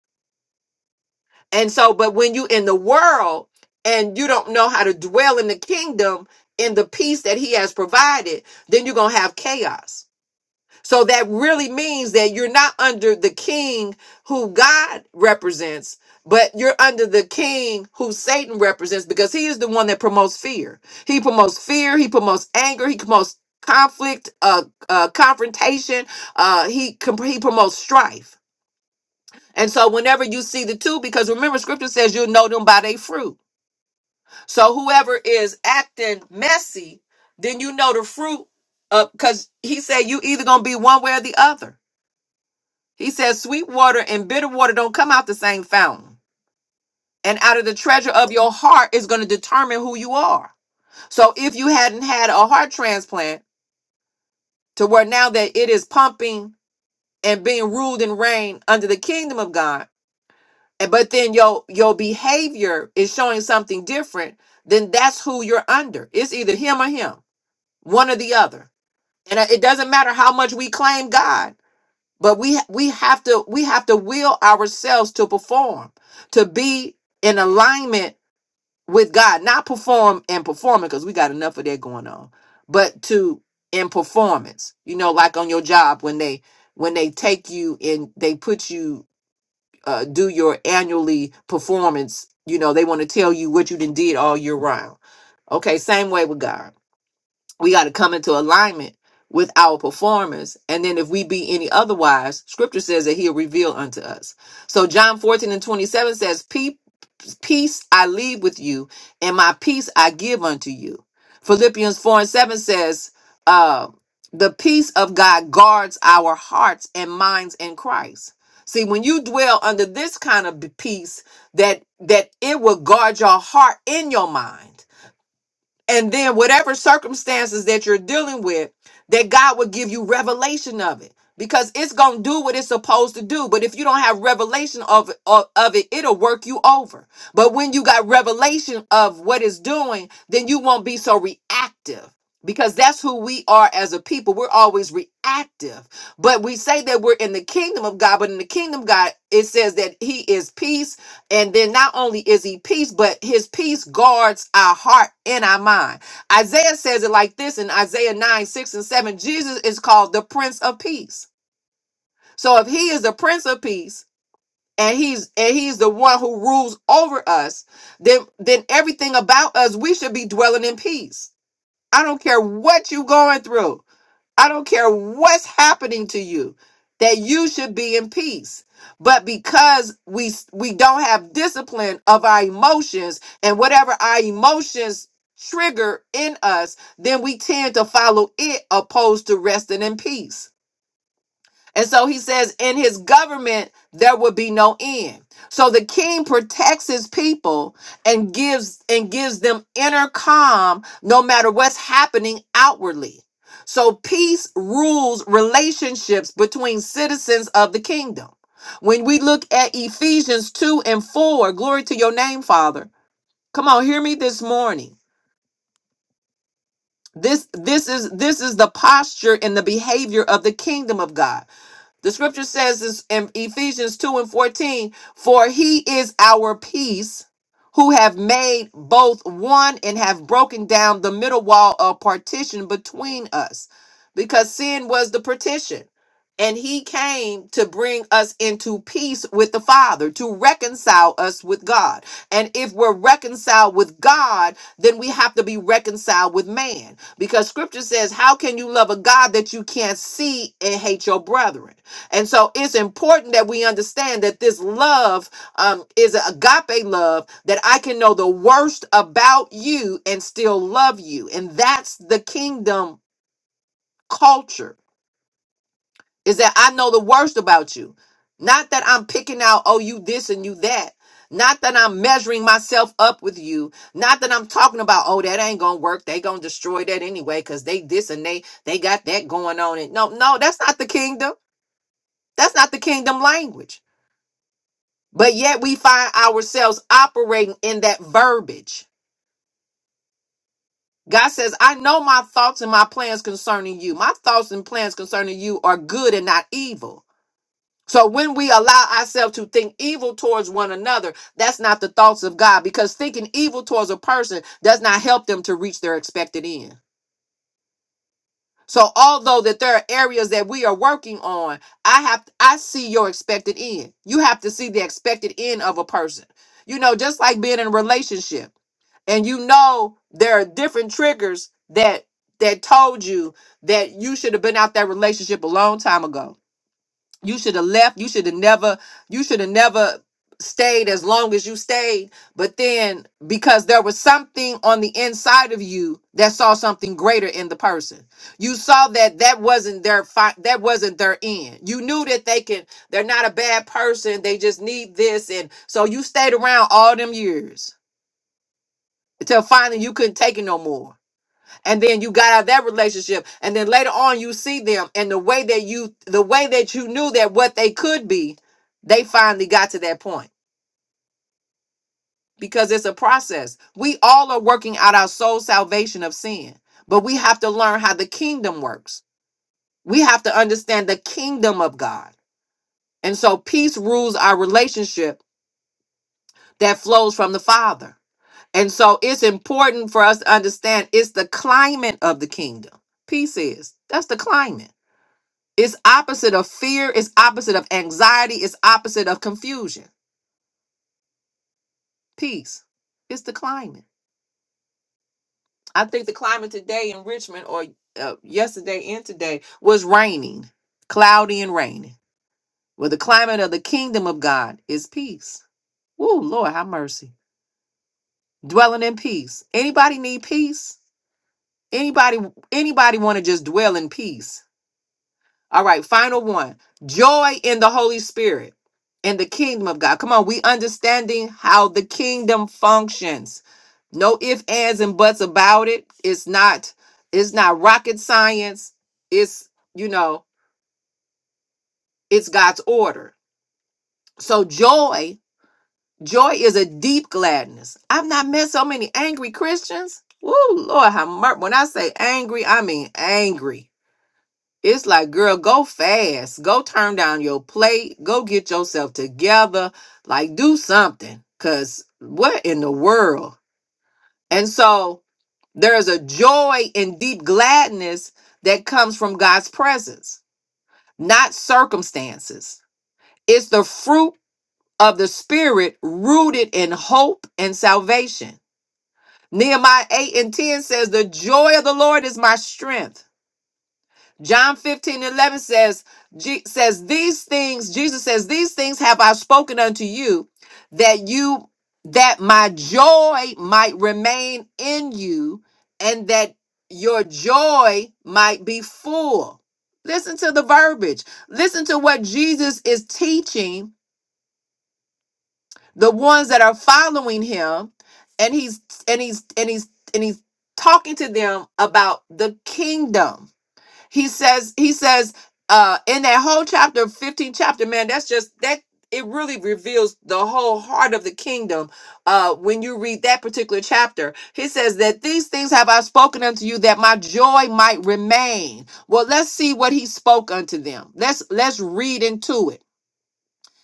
A: And so, but when you in the world and you don't know how to dwell in the kingdom in the peace that He has provided, then you're gonna have chaos so that really means that you're not under the king who God represents, but you're under the king who Satan represents because he is the one that promotes fear. He promotes fear, he promotes anger, he promotes conflict, uh, uh confrontation, uh he com- he promotes strife. And so whenever you see the two because remember scripture says you'll know them by their fruit. So whoever is acting messy, then you know the fruit uh, cuz he said you either going to be one way or the other. He says, Sweet water and bitter water don't come out the same fountain. And out of the treasure of your heart is going to determine who you are. So if you hadn't had a heart transplant to where now that it is pumping and being ruled and reigned under the kingdom of God, and but then your your behavior is showing something different, then that's who you're under. It's either him or him, one or the other. And uh, it doesn't matter how much we claim God. but we we have to we have to will ourselves to perform to be in alignment with god not perform and performing because we got enough of that going on but to in performance you know like on your job when they when they take you and they put you uh, do your annually performance you know they want to tell you what you done did all year round okay same way with god we got to come into alignment with our performance and then if we be any otherwise scripture says that he'll reveal unto us so john 14 and 27 says "Pe- peace i leave with you and my peace i give unto you philippians 4 and 7 says uh, the peace of god guards our hearts and minds in christ see when you dwell under this kind of peace that that it will guard your heart and your mind and then whatever circumstances that you're dealing with that god will give you revelation of it because it's gonna do what it's supposed to do but if you don't have revelation of, of, of it it'll work you over but when you got revelation of what it's doing then you won't be so reactive because that's who we are as a people we're always reactive but we say that we're in the kingdom of god but in the kingdom of god it says that he is peace and then not only is he peace, but his peace guards our heart and our mind. Isaiah says it like this in Isaiah 9, 6, and 7. Jesus is called the Prince of Peace. So if he is the Prince of Peace and he's and he's the one who rules over us, then then everything about us, we should be dwelling in peace. I don't care what you're going through. I don't care what's happening to you, that you should be in peace. But because we we don't have discipline of our emotions and whatever our emotions trigger in us, then we tend to follow it opposed to resting in peace. And so he says, in his government, there will be no end. So the king protects his people and gives and gives them inner calm no matter what's happening outwardly. So peace rules relationships between citizens of the kingdom. When we look at Ephesians 2 and 4, glory to your name, Father. Come on, hear me this morning. This this is this is the posture and the behavior of the kingdom of God. The scripture says this in Ephesians 2 and 14, for he is our peace, who have made both one and have broken down the middle wall of partition between us, because sin was the partition. And he came to bring us into peace with the Father, to reconcile us with God. And if we're reconciled with God, then we have to be reconciled with man. Because scripture says, How can you love a God that you can't see and hate your brethren? And so it's important that we understand that this love um, is an agape love, that I can know the worst about you and still love you. And that's the kingdom culture, is that I know the worst about you. Not that I'm picking out, oh, you this and you that. Not that I'm measuring myself up with you. Not that I'm talking about, oh, that ain't gonna work. They gonna destroy that anyway, cause they this and they they got that going on. And no, no, that's not the kingdom. That's not the kingdom language. But yet we find ourselves operating in that verbiage. God says, I know my thoughts and my plans concerning you. My thoughts and plans concerning you are good and not evil. So when we allow ourselves to think evil towards one another, that's not the thoughts of God because thinking evil towards a person does not help them to reach their expected end. So although that there are areas that we are working on, I have I see your expected end. You have to see the expected end of a person. You know, just like being in a relationship and you know there are different triggers that that told you that you should have been out that relationship a long time ago you should have left. You should have never, you should have never stayed as long as you stayed. But then because there was something on the inside of you that saw something greater in the person. You saw that that wasn't their fi- that wasn't their end. You knew that they can they're not a bad person. They just need this and so you stayed around all them years until finally you couldn't take it no more and then you got out of that relationship and then later on you see them and the way that you the way that you knew that what they could be they finally got to that point because it's a process we all are working out our soul salvation of sin but we have to learn how the kingdom works we have to understand the kingdom of god and so peace rules our relationship that flows from the father and so it's important for us to understand it's the climate of the kingdom peace is that's the climate It's opposite of fear, it's opposite of anxiety, it's opposite of confusion. Peace. It's the climate. I think the climate today in Richmond or uh, yesterday and today was raining, cloudy and raining. Well, the climate of the kingdom of God is peace. Woo, Lord, have mercy. Dwelling in peace. Anybody need peace? Anybody anybody want to just dwell in peace? All right, final one. Joy in the Holy Spirit and the kingdom of God. Come on, we understanding how the kingdom functions. No ifs, ands, and buts about it. It's not, it's not rocket science. It's, you know, it's God's order. So joy, joy is a deep gladness. I've not met so many angry Christians. Woo, Lord, how mer- when I say angry, I mean angry It's like, girl, go fast. Go turn down your plate. Go get yourself together. Like, do something. Because what in the world? And so there's a joy and deep gladness that comes from God's presence, not circumstances. It's the fruit of the Spirit rooted in hope and salvation. Nehemiah 8 and 10 says, The joy of the Lord is my strength. John 15 and 11 says, Je- says these things, Jesus says, these things have I spoken unto you, that you that my joy might remain in you, and that your joy might be full. Listen to the verbiage. Listen to what Jesus is teaching the ones that are following him, and he's and he's and he's and he's talking to them about the kingdom he says, he says, uh, in that whole chapter, 15 chapter, man, that's just that it really reveals the whole heart of the kingdom uh, when you read that particular chapter. He says that these things have I spoken unto you that my joy might remain. Well, let's see what he spoke unto them. Let's let's read into it.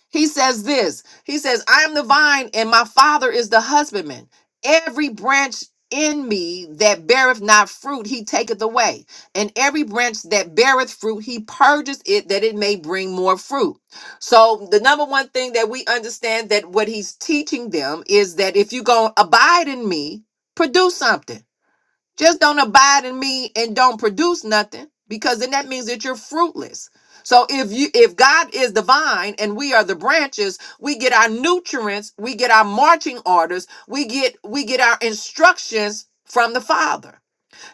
A: He says this He says, I am the vine, and my Father is the husbandman. Every branch in me that beareth not fruit, he taketh away. And every branch that beareth fruit, he purges it that it may bring more fruit. So, the number one thing that we understand that what he's teaching them is that if you go abide in me, produce something. Just don't abide in me and don't produce nothing because then that means that you're fruitless. So if you if God is the vine and we are the branches, we get our nutrients, we get our marching orders, we get we get our instructions from the Father.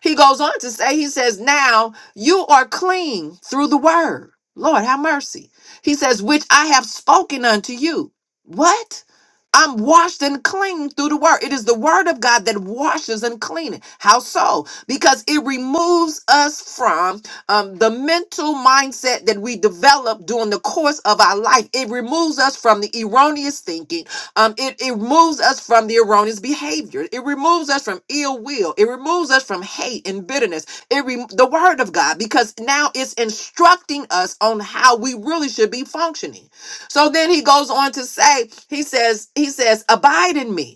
A: He goes on to say, he says, Now you are clean through the word. Lord, have mercy. He says, Which I have spoken unto you. What? I'm washed and clean through the word. It is the word of God that washes and cleans. How so? Because it removes us from um, the mental mindset that we develop during the course of our life. It removes us from the erroneous thinking um, it, it removes us from the erroneous behavior. It removes us from ill will. It removes us from hate and bitterness. It rem the word of God because now it's instructing us on how we really should be functioning. So then he goes on to say, he says, he says, abide in me.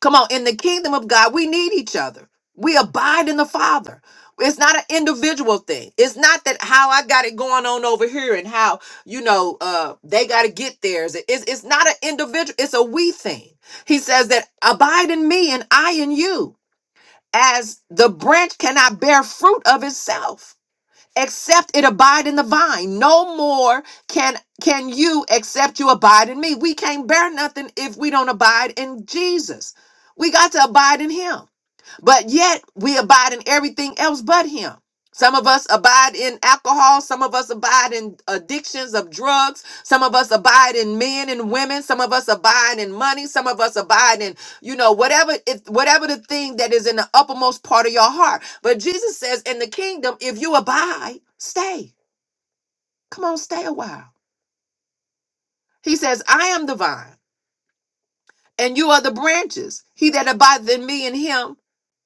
A: Come on, in the kingdom of God, we need each other. We abide in the Father. It's not an individual thing. It's not that how I got it going on over here and how, you know, uh they got to get theirs. It's, it's not an individual, it's a we thing. He says that abide in me and I in you, as the branch cannot bear fruit of itself except it abide in the vine. No more can can you except you abide in me. We can't bear nothing if we don't abide in Jesus. We got to abide in him. But yet we abide in everything else but him. Some of us abide in alcohol. Some of us abide in addictions of drugs. Some of us abide in men and women. Some of us abide in money. Some of us abide in, you know, whatever if whatever the thing that is in the uppermost part of your heart. But Jesus says, in the kingdom, if you abide, stay. Come on, stay a while. He says, I am the vine, and you are the branches. He that abideth in me and him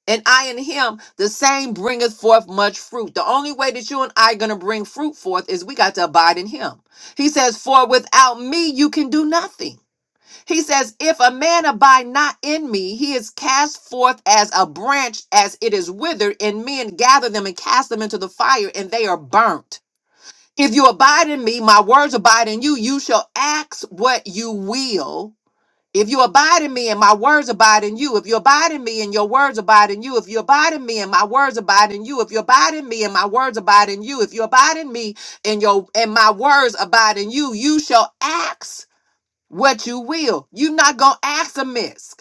A: and I in him, the same bringeth forth much fruit. The only way that you and I going to bring fruit forth is we got to abide in him. He says, For without me you can do nothing. He says, If a man abide not in me, he is cast forth as a branch as it is withered, and men gather them and cast them into the fire, and they are burnt. If you abide in me, my words abide in you, you shall ask what you will if you abide in me and my words abide in you, if you abide in me and your words abide in you, if you abide in me and my words abide in you, if you abide in me and my words abide in you, if you abide in me and your and my words abide in you, you shall ask what you will. You're not gonna ask amiss.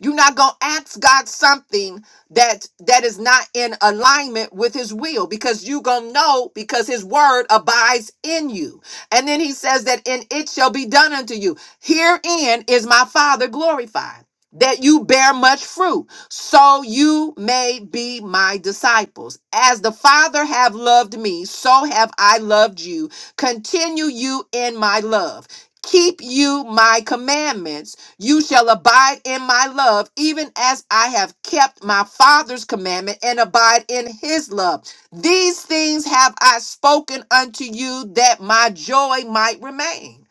A: You're not going to ask God something that that is not in alignment with his will because you're going to know because his word abides in you. And then he says that in it shall be done unto you. Herein is my Father glorified that you bear much fruit so you may be my disciples as the father have loved me so have i loved you continue you in my love keep you my commandments you shall abide in my love, even as I have kept my Father's commandment and abide in his love. These things have I spoken unto you that my joy might remain.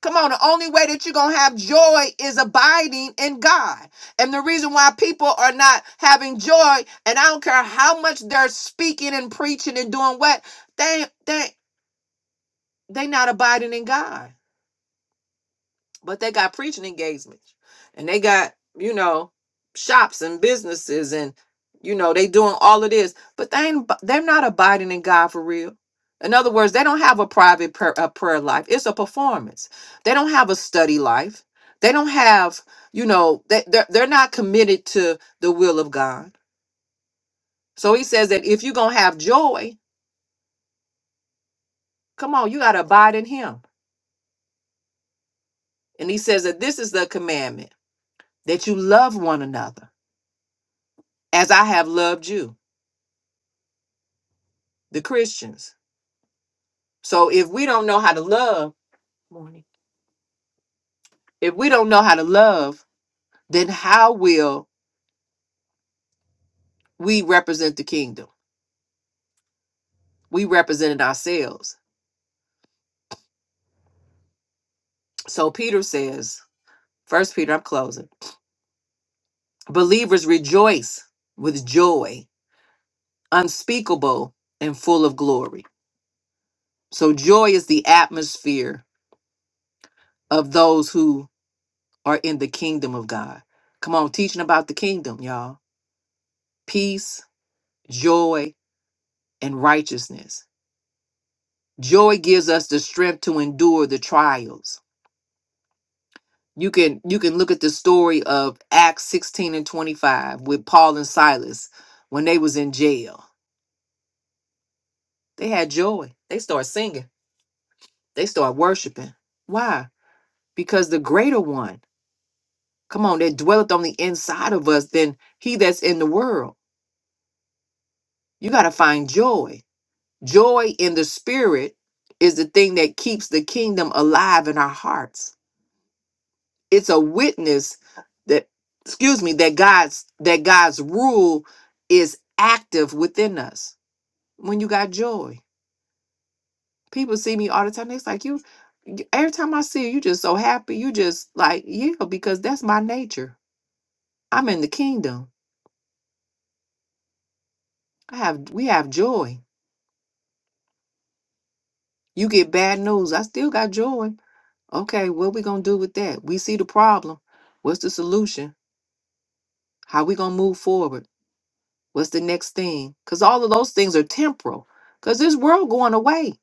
A: Come on, the only way that you're going to have joy is abiding in God. And the reason why people are not having joy, and I don't care how much they're speaking and preaching and doing what, they, they, they not abiding in God but they got preaching engagements and they got you know shops and businesses and you know they doing all of this but they ain't they're not abiding in god for real in other words they don't have a private prayer, a prayer life it's a performance they don't have a study life they don't have you know they, they're, they're not committed to the will of god so he says that if you're gonna have joy come on you gotta abide in him and he says that this is the commandment that you love one another as i have loved you the Christians. So if we don't know how to love, morning. If we don't know how to love, then how will we represent the kingdom? We represented ourselves. So Peter says, First Peter, I'm closing. Believers rejoice with joy, unspeakable and full of glory. So joy is the atmosphere of those who are in the kingdom of God. Come on, teaching about the kingdom, y'all. Peace, joy, and righteousness Joy gives us the strength to endure the trials. You can you can look at the story of Acts 16 and 25 with Paul and Silas when they was in jail. They had joy. They start singing. They start worshiping. Why? Because the greater one, come on, that dwelleth on the inside of us than he that's in the world. You got to find joy. Joy in the spirit is the thing that keeps the kingdom alive in our hearts it's a witness that excuse me that god's that god's rule is active within us when you got joy people see me all the time it's like you you- every time i see you you just so happy you just like yeah because that's my nature i'm in the kingdom i have we have joy you get bad news i still got joy okay what we gonna do with that we see the problem what's the solution how we gonna move forward What's the next thing? Because all of those things are temporal. Because this world going away.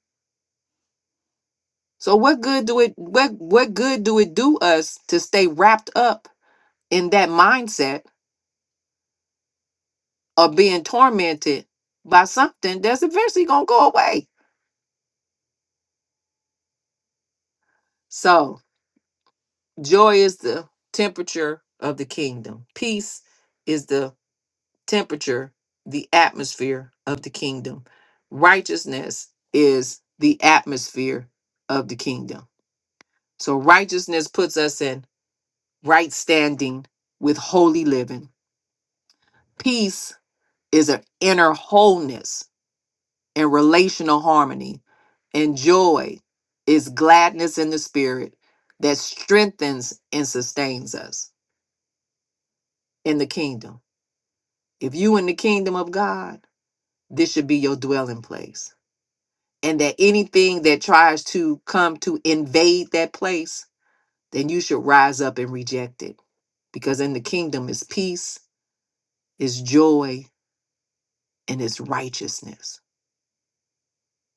A: So what good do it what what good do it do us to stay wrapped up in that mindset of being tormented by something that's eventually gonna go away? So joy is the temperature of the kingdom. Peace is the temperature, the atmosphere of the kingdom. Righteousness is the atmosphere of the kingdom. So righteousness puts us in right standing with holy living. Peace is an inner wholeness and relational harmony, and joy is gladness in the spirit that strengthens and sustains us in the kingdom. If you in the kingdom of God, this should be your dwelling place. And that anything that tries to come to invade that place, then you should rise up and reject it. Because in the kingdom is peace, is joy, and his righteousness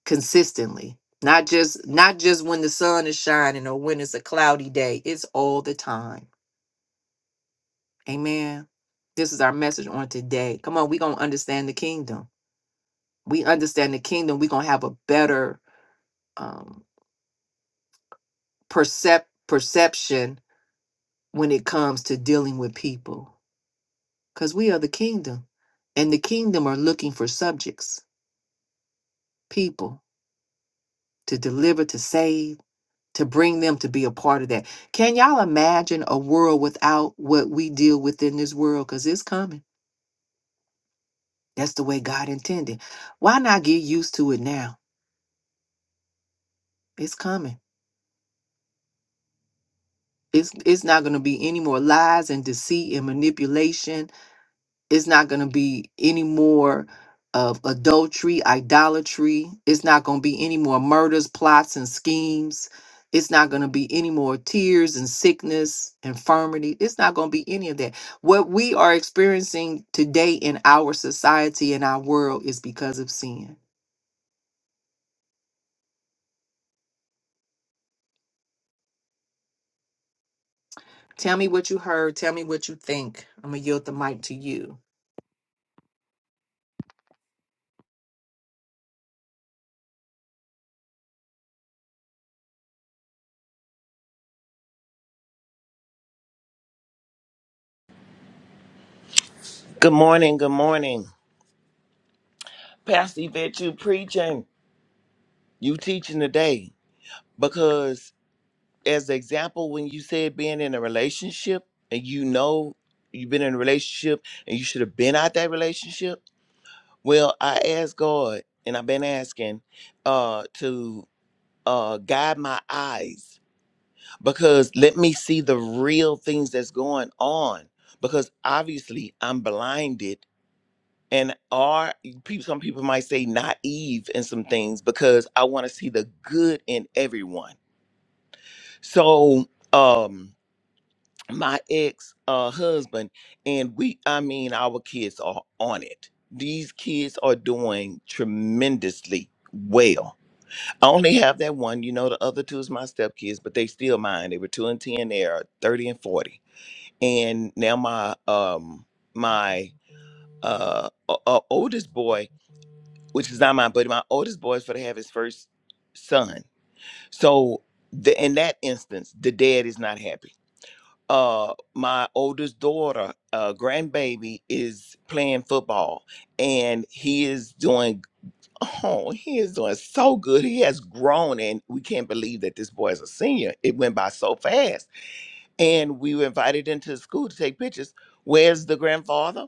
A: consistently not just not just when the sun is shining or when it's a cloudy day it's all the time amen this is our message on today come on we're gonna understand the kingdom we understand the kingdom we're gonna have a better um percep- perception when it comes to dealing with people because we are the kingdom and the kingdom are looking for subjects people to deliver to save to bring them to be a part of that. Can y'all imagine a world without what we deal with in this world? Because it's coming. That's the way God intended. Why not get used to it now? It's coming. It's it's not gonna be any more lies and deceit and manipulation It's not going to be any more of adultery, idolatry. It's not going to be any more murders, plots, and schemes. It's not going to be any more tears and sickness, infirmity. It's not going to be any of that. What we are experiencing today in our society and our world is because of sin. Tell me what you heard. Tell me what you think. I'm going to yield the mic to you.
B: Good morning. Good morning. Pastor Yvette, you preaching, you teaching today. Because as the example, when you said being in a relationship and you know you've been in a relationship and you should have been out that relationship. Well, I asked God and I've been asking uh to uh guide my eyes because let me see the real things that's going on. Because obviously I'm blinded and are people some people might say naive in some things because I want to see the good in everyone. So um my ex uh husband and we I mean our kids are on it. These kids are doing tremendously well. I only have that one, you know, the other two is my stepkids, but they still mine. They were two and ten, they are thirty and forty. And now my um my uh, uh oldest boy which is not mine, but my oldest boy is for to have his first son. So the, in that instance, the dad is not happy. Uh, my oldest daughter, uh, grandbaby, is playing football, and he is doing. Oh, he is doing so good. He has grown, and we can't believe that this boy is a senior. It went by so fast, and we were invited into the school to take pictures. Where's the grandfather?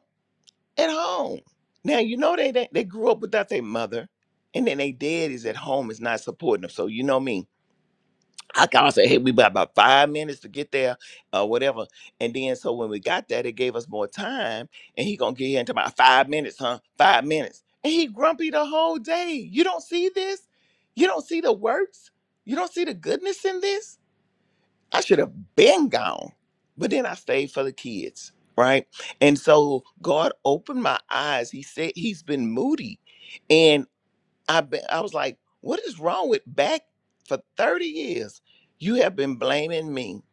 B: at home. Now you know they they, they grew up without their mother, and then they dad is at home is not supporting them. So you know me. I can say, hey, we got about five minutes to get there, or whatever. And then so when we got there, they gave us more time, and he gonna get here into about five minutes, huh? Five minutes. And he grumpy the whole day. You don't see this? You don't see the works? You don't see the goodness in this? I should have been gone. But then I stayed for the kids, right? And so God opened my eyes. He said he's been moody. And I be, I was like, what is wrong with back for 30 years? You have been blaming me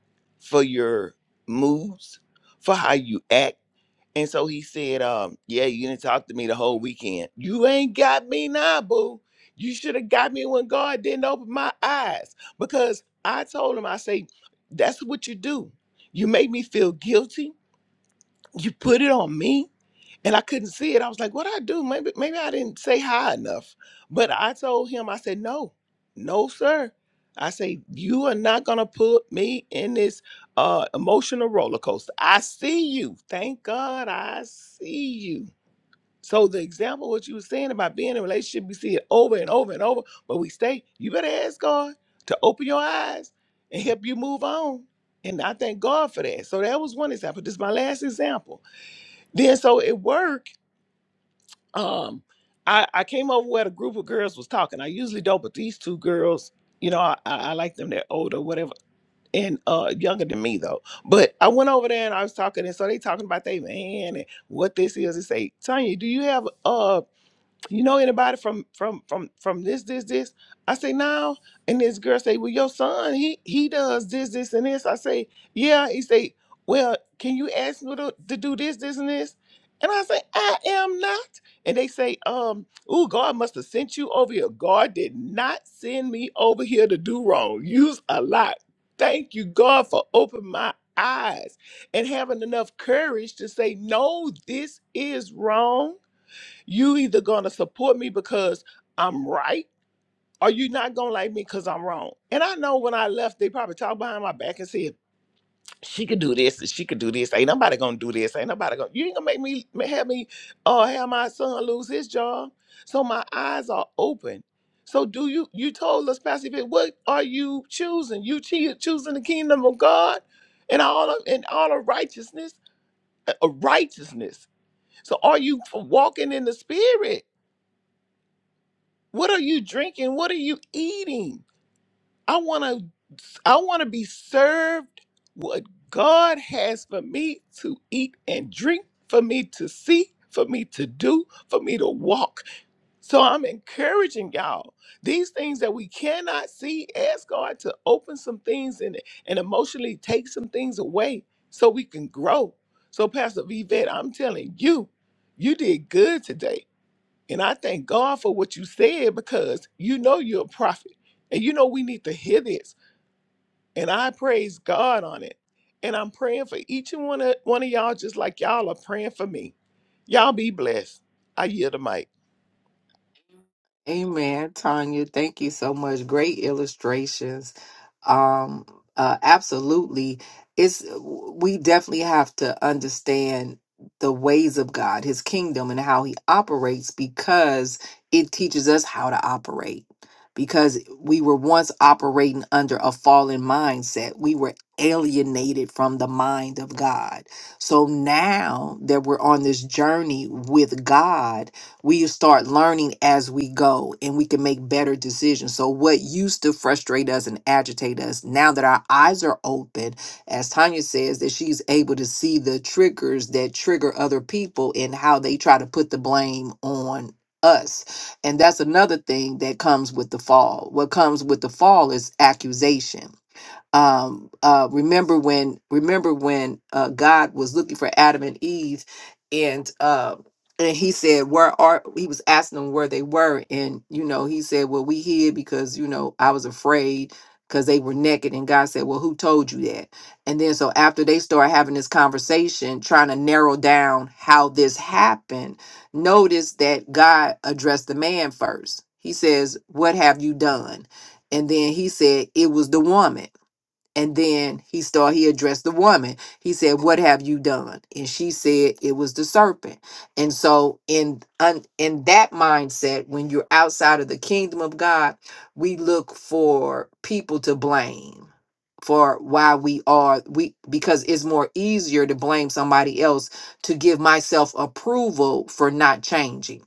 B: for your moves, for how you act and so he said, um, yeah, you didn't talk to me the whole weekend. You ain't got me now, boo. You should have got me when God didn't open my eyes. Because I told him, I say, that's what you do. You make me feel guilty. You put it on me and I couldn't see it. I was like, "What I do? Maybe maybe I didn't say hi enough." But I told him, I said, "No, no, sir." I say, "You are not gonna put me in this uh, emotional roller coaster." I see you. Thank God, I see you. So the example what you were saying about being in a relationship, we see it over and over and over, but we stay. You better ask God to open your eyes and help you move on. And I thank God for that. So that was one example. This is my last example. Then so it worked um I, I came over where the group of girls was talking. I usually don't, but these two girls, you know, I, I I like them. They're older, whatever, and uh younger than me though. But I went over there and I was talking, and so they talking about they man and what this is. They say, Tanya, do you have uh, you know anybody from from from from this this this i say no and this girl say well your son he he does this this and this i say yeah he say well can you ask me to, to do this this and this and i say i am not and they say um oh god must have sent you over here god did not send me over here to do wrong use a lot thank you god for opening my eyes and having enough courage to say no this is wrong you either gonna support me because I'm right, or you not gonna like me because I'm wrong. And I know when I left, they probably talked behind my back and said, "She could do this, and she could do this. Ain't nobody gonna do this. Ain't nobody gonna. You ain't gonna make me have me, or have my son lose his job." So my eyes are open. So do you? You told us, Pastor, Vic, what are you choosing? You choo- choosing the kingdom of God, and all of and all of righteousness, uh, uh, righteousness. So are you walking in the spirit? What are you drinking? What are you eating? I want to I want to be served what God has for me to eat and drink, for me to see, for me to do, for me to walk. So I'm encouraging y'all. These things that we cannot see, ask God to open some things and, and emotionally take some things away so we can grow. So Pastor Vivette, I'm telling you, you did good today and I thank God for what you said because you know you're a prophet and you know we need to hear this. And I praise God on it. And I'm praying for each and one of, one of y'all just like y'all are praying for me. Y'all be blessed. I yield the mic.
A: Amen, Tanya. Thank you so much. Great illustrations. Um, uh, absolutely. It's we definitely have to understand the ways of God, His kingdom, and how He operates because it teaches us how to operate. Because we were once operating under a fallen mindset, we were alienated from the mind of God. So now that we're on this journey with God we start learning as we go and we can make better decisions. So, what used to frustrate us and agitate us, now that our eyes are open, as Tanya says, that she's able to see the triggers that trigger other people and how they try to put the blame on us. And that's another thing that comes with the fall. What comes with the fall is accusation um uh remember when remember when uh god was looking for adam and eve and uh and he said where are he was asking them where they were and you know he said well we hid because you know i was afraid because they were naked and god said well who told you that and then so after they start having this conversation trying to narrow down how this happened notice that god addressed the man first he says what have you done and then he said it was the woman and then he started, he addressed the woman. He said, What have you done? And she said, It was the serpent. And so, in, un, in that mindset, when you're outside of the kingdom of God, we look for people to blame for why we are we because it's more easier to blame somebody else to give myself approval for not changing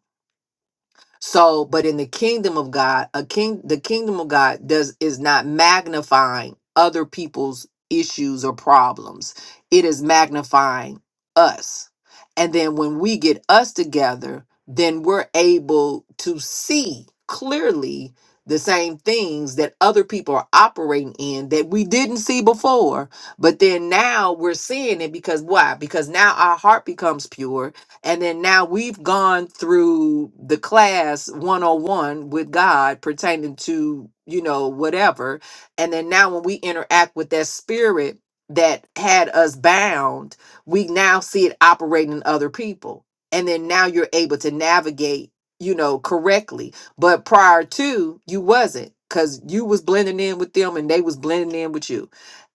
A: so, but in the kingdom of God, a king, the kingdom of God does is not magnifying other people's issues or problems. It is magnifying us. And then when we get us together, then we're able to see clearly the same things that other people are operating in that we didn't see before. But then now we're seeing it because why? Because now our heart becomes pure and then now we've gone through the class 101 with God pertaining to, you know, whatever. And then now when we interact with that spirit that had us bound, we now see it operating in other people. And then now you're able to navigate, you know, correctly. But prior to, you wasn't because you was blending in with them and they was blending in with you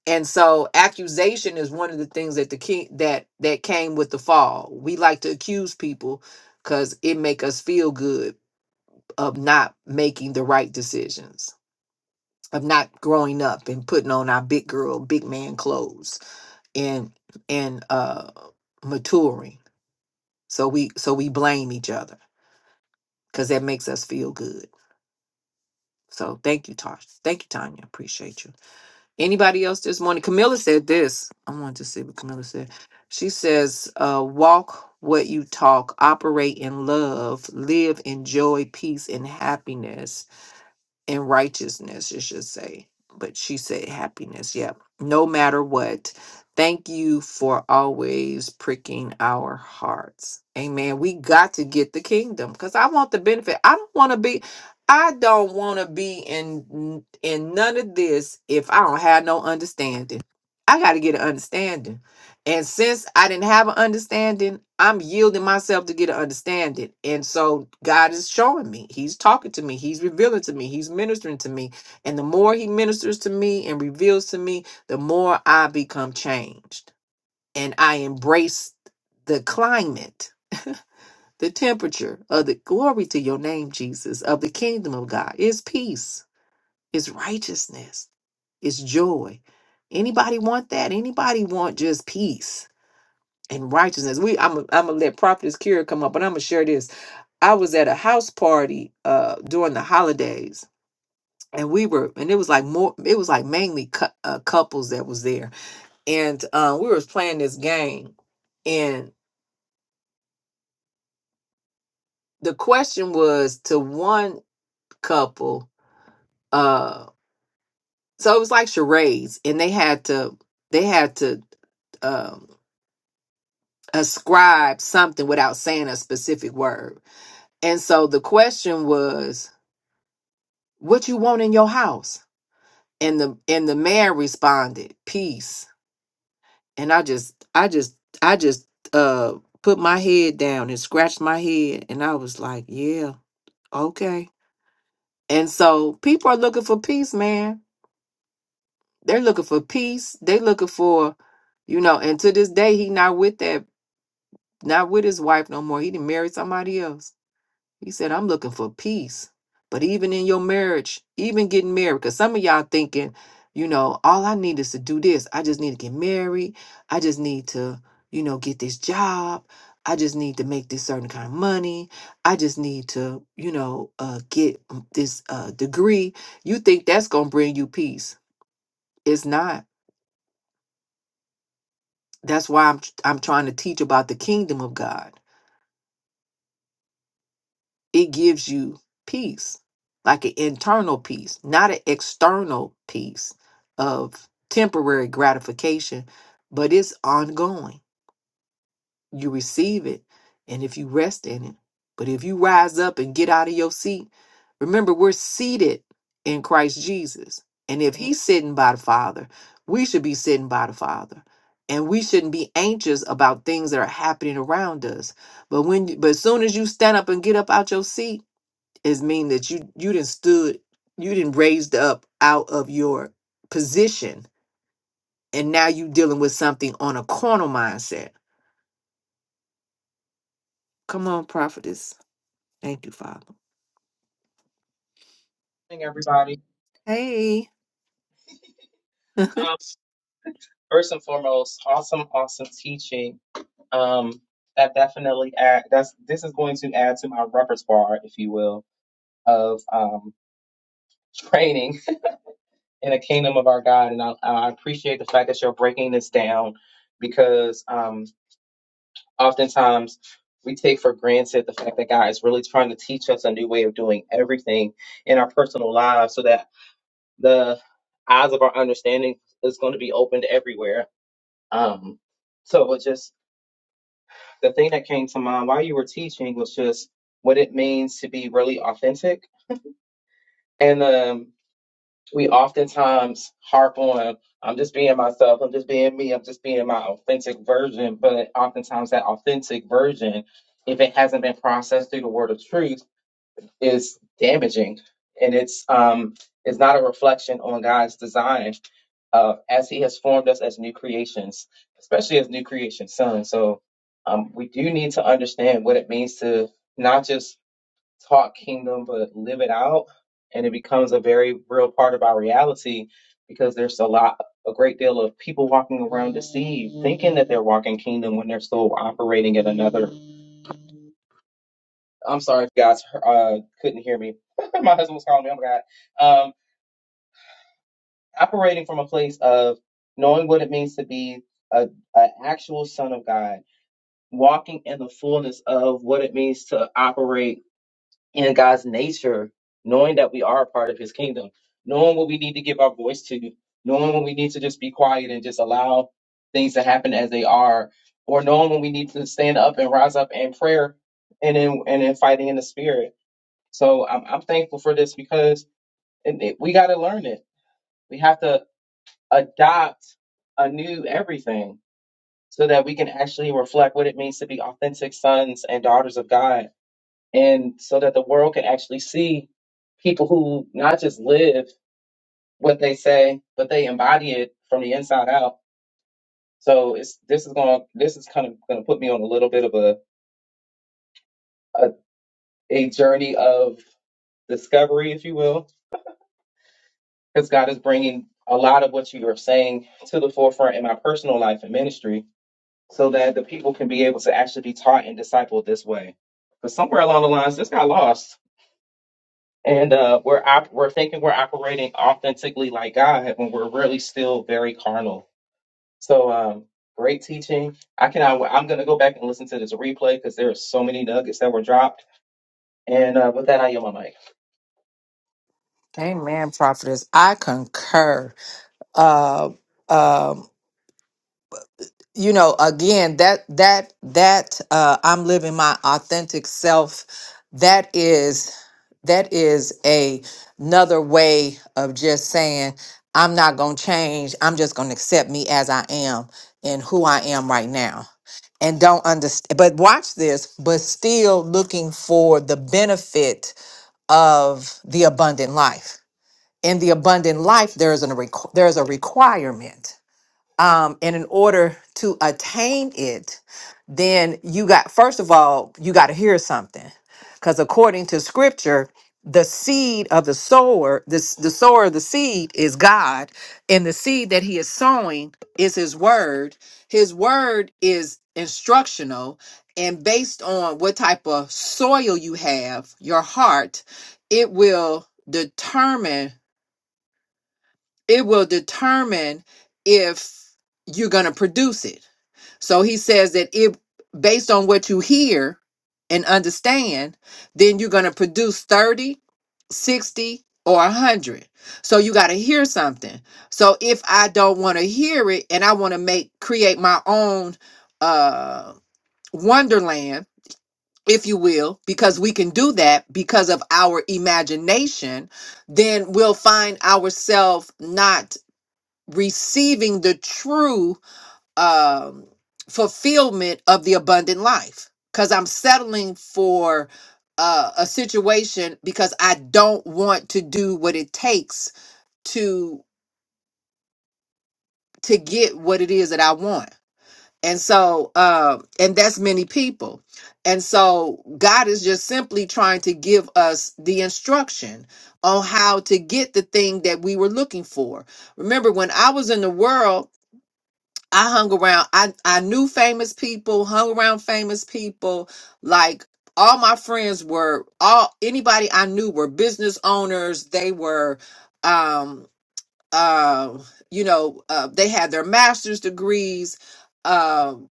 A: and so accusation is one of the things that the king that that came with the fall we like to accuse people because it make us feel good of not making the right decisions of not growing up and putting on our big girl big man clothes and and uh maturing so we so we blame each other because that makes us feel good so thank you tosh thank you tanya appreciate you Anybody else this morning? Camilla said this. I wanted to see what Camilla said. She says, uh, walk what you talk, operate in love, live in joy, peace, and happiness in righteousness, it should say. But she said happiness. Yep. No matter what. Thank you for always pricking our hearts. Amen. We got to get the kingdom because I want the benefit. I don't want to be, I don't want to be in in none of this if I don't have no understanding. I got to get an understanding. And since I didn't have an understanding, I'm yielding myself to get an understanding. And so God is showing me. He's talking to me. He's revealing to me. He's ministering to me. And the more He ministers to me and reveals to me, the more I become changed. And I embrace the climate, the temperature of the glory to your name, Jesus, of the kingdom of God. It's peace, it's righteousness, it's joy. Anybody want that? Anybody want just peace? and righteousness. We I'm I'm gonna let Prophetess Kira come up, but I'm gonna share this. I was at a house party uh during the holidays, and we were and it was like more it was like mainly cou- uh, couples that was there, and uh, we was playing this game, and the question was to one couple, uh, so it was like charades, and they had to they had to um ascribe something without saying a specific word. And so the question was what you want in your house and the and the man responded peace and i just i just i just uh put my head down and scratched my head and i was like yeah okay and so people are looking for peace man they're looking for peace they looking for you know and to this day he not with that not with his wife no more he didn't marry somebody else He said, I'm looking for peace. But even in your marriage, even getting married, because some of y'all thinking, you know, all I need is to do this. I just need to get married. I just need to, you know, get this job. I just need to make this certain kind of money. I just need to, you know, uh, get this uh, degree. You think that's going to bring you peace. It's not. That's why I'm, I'm trying to teach about the kingdom of God it gives you peace, like an internal peace, not an external peace of temporary gratification, but it's ongoing. You receive it, and if you rest in it, but if you rise up and get out of your seat, remember we're seated in Christ Jesus. And if he's sitting by the Father, we should be sitting by the Father. And we shouldn't be anxious about things that are happening around us. But when but as soon as you stand up and get up out your seat, is mean that you you didn't stood you didn't raised up out of your position and now you dealing with something on a carnal mindset come on prophetess thank you father
C: morning, everybody.
A: hey
C: Um, first and foremost, awesome, awesome teaching. Um, that definitely add. That's this is going to add to my repertoire, if you will, of um, training in the kingdom of our God. And I, I appreciate the fact that you're breaking this down because um, oftentimes we take for granted the fact that God is really trying to teach us a new way of doing everything in our personal lives, so that the eyes of our understanding is going to be opened everywhere Um, so it was just the thing that came to mind while you were teaching was just what it means to be really authentic. And um, we oftentimes harp on, I'm just being myself, I'm just being me, I'm just being my authentic version. But oftentimes that authentic version, if it hasn't been processed through the word of truth, is damaging. And it's um, it's not a reflection on God's design uh, as he has formed us as new creations, especially as new creation sons. So um, we do need to understand what it means to not just talk kingdom, but live it out. And it becomes a very real part of our reality because there's a lot, a great deal of people walking around deceived, thinking that they're walking kingdom when they're still operating in another. I'm sorry if you guys uh, couldn't hear me. My husband was calling me. Oh my God. Um, operating from a place of knowing what it means to be a, an actual son of God, walking in the fullness of what it means to operate in God's nature, knowing that we are a part of His kingdom, knowing what we need to give our voice to, knowing when we need to just be quiet and just allow things to happen as they are, or knowing when we need to stand up and rise up in prayer and in and in fighting in the spirit. So I'm I'm thankful for this because it, it- we got to learn it. We have to adopt a new everything so that we can actually reflect what it means to be authentic sons and daughters of God. And so that the world can actually see people who not just live what they say, but they embody it from the inside out. So it's this is going this is kind of going to put me on a little bit of a a, a journey of discovery, if you will, because God is bringing a lot of what you are saying to the forefront in my personal life and ministry so that the people can be able to actually be taught and discipled this way. But somewhere along the lines, this got lost, and uh, we're op- we're thinking we're operating authentically like God when we're really still very carnal. So um, great teaching. I can I, I'm going to go back and listen to this replay because there are so many nuggets that were dropped. And uh, with that, I yield my mic.
A: Amen, prophetess. I concur. Uh, um, you know, again, that that that uh, I'm living my authentic self. That is. that is a another way of just saying i'm not going to change i'm just going to accept me as i am and who i am right now and don't understand but watch this but still looking for the benefit of the abundant life in the abundant life there is a requ- there is a requirement um, and in order to attain it, then you got first of all you got to hear something, because according to Scripture, the seed of the sower, this the sower of the seed is God, and the seed that He is sowing is His word. His word is instructional, and based on what type of soil you have, your heart, it will determine it will determine if you're going to produce it. So he says that it based on what you hear and understand, then you're going to produce thirty, sixty, 60 or 100. So you got to hear something. So if I don't want to hear it and I want to make create my own uh wonderland if you will, because we can do that because of our imagination, then we'll find ourselves not receiving the true um, fulfillment of the abundant life because I'm settling for uh, a situation because I don't want to do what it takes to to get what it is that I want. And so, um, and that's many people. And so, God is just simply trying to give us the instruction on how to get the thing that we were looking for. Remember, when I was in the world, I hung around. I I knew famous people, hung around famous people. Like all my friends were all anybody I knew were business owners. They were um uh you know, uh they had their master's degrees. Um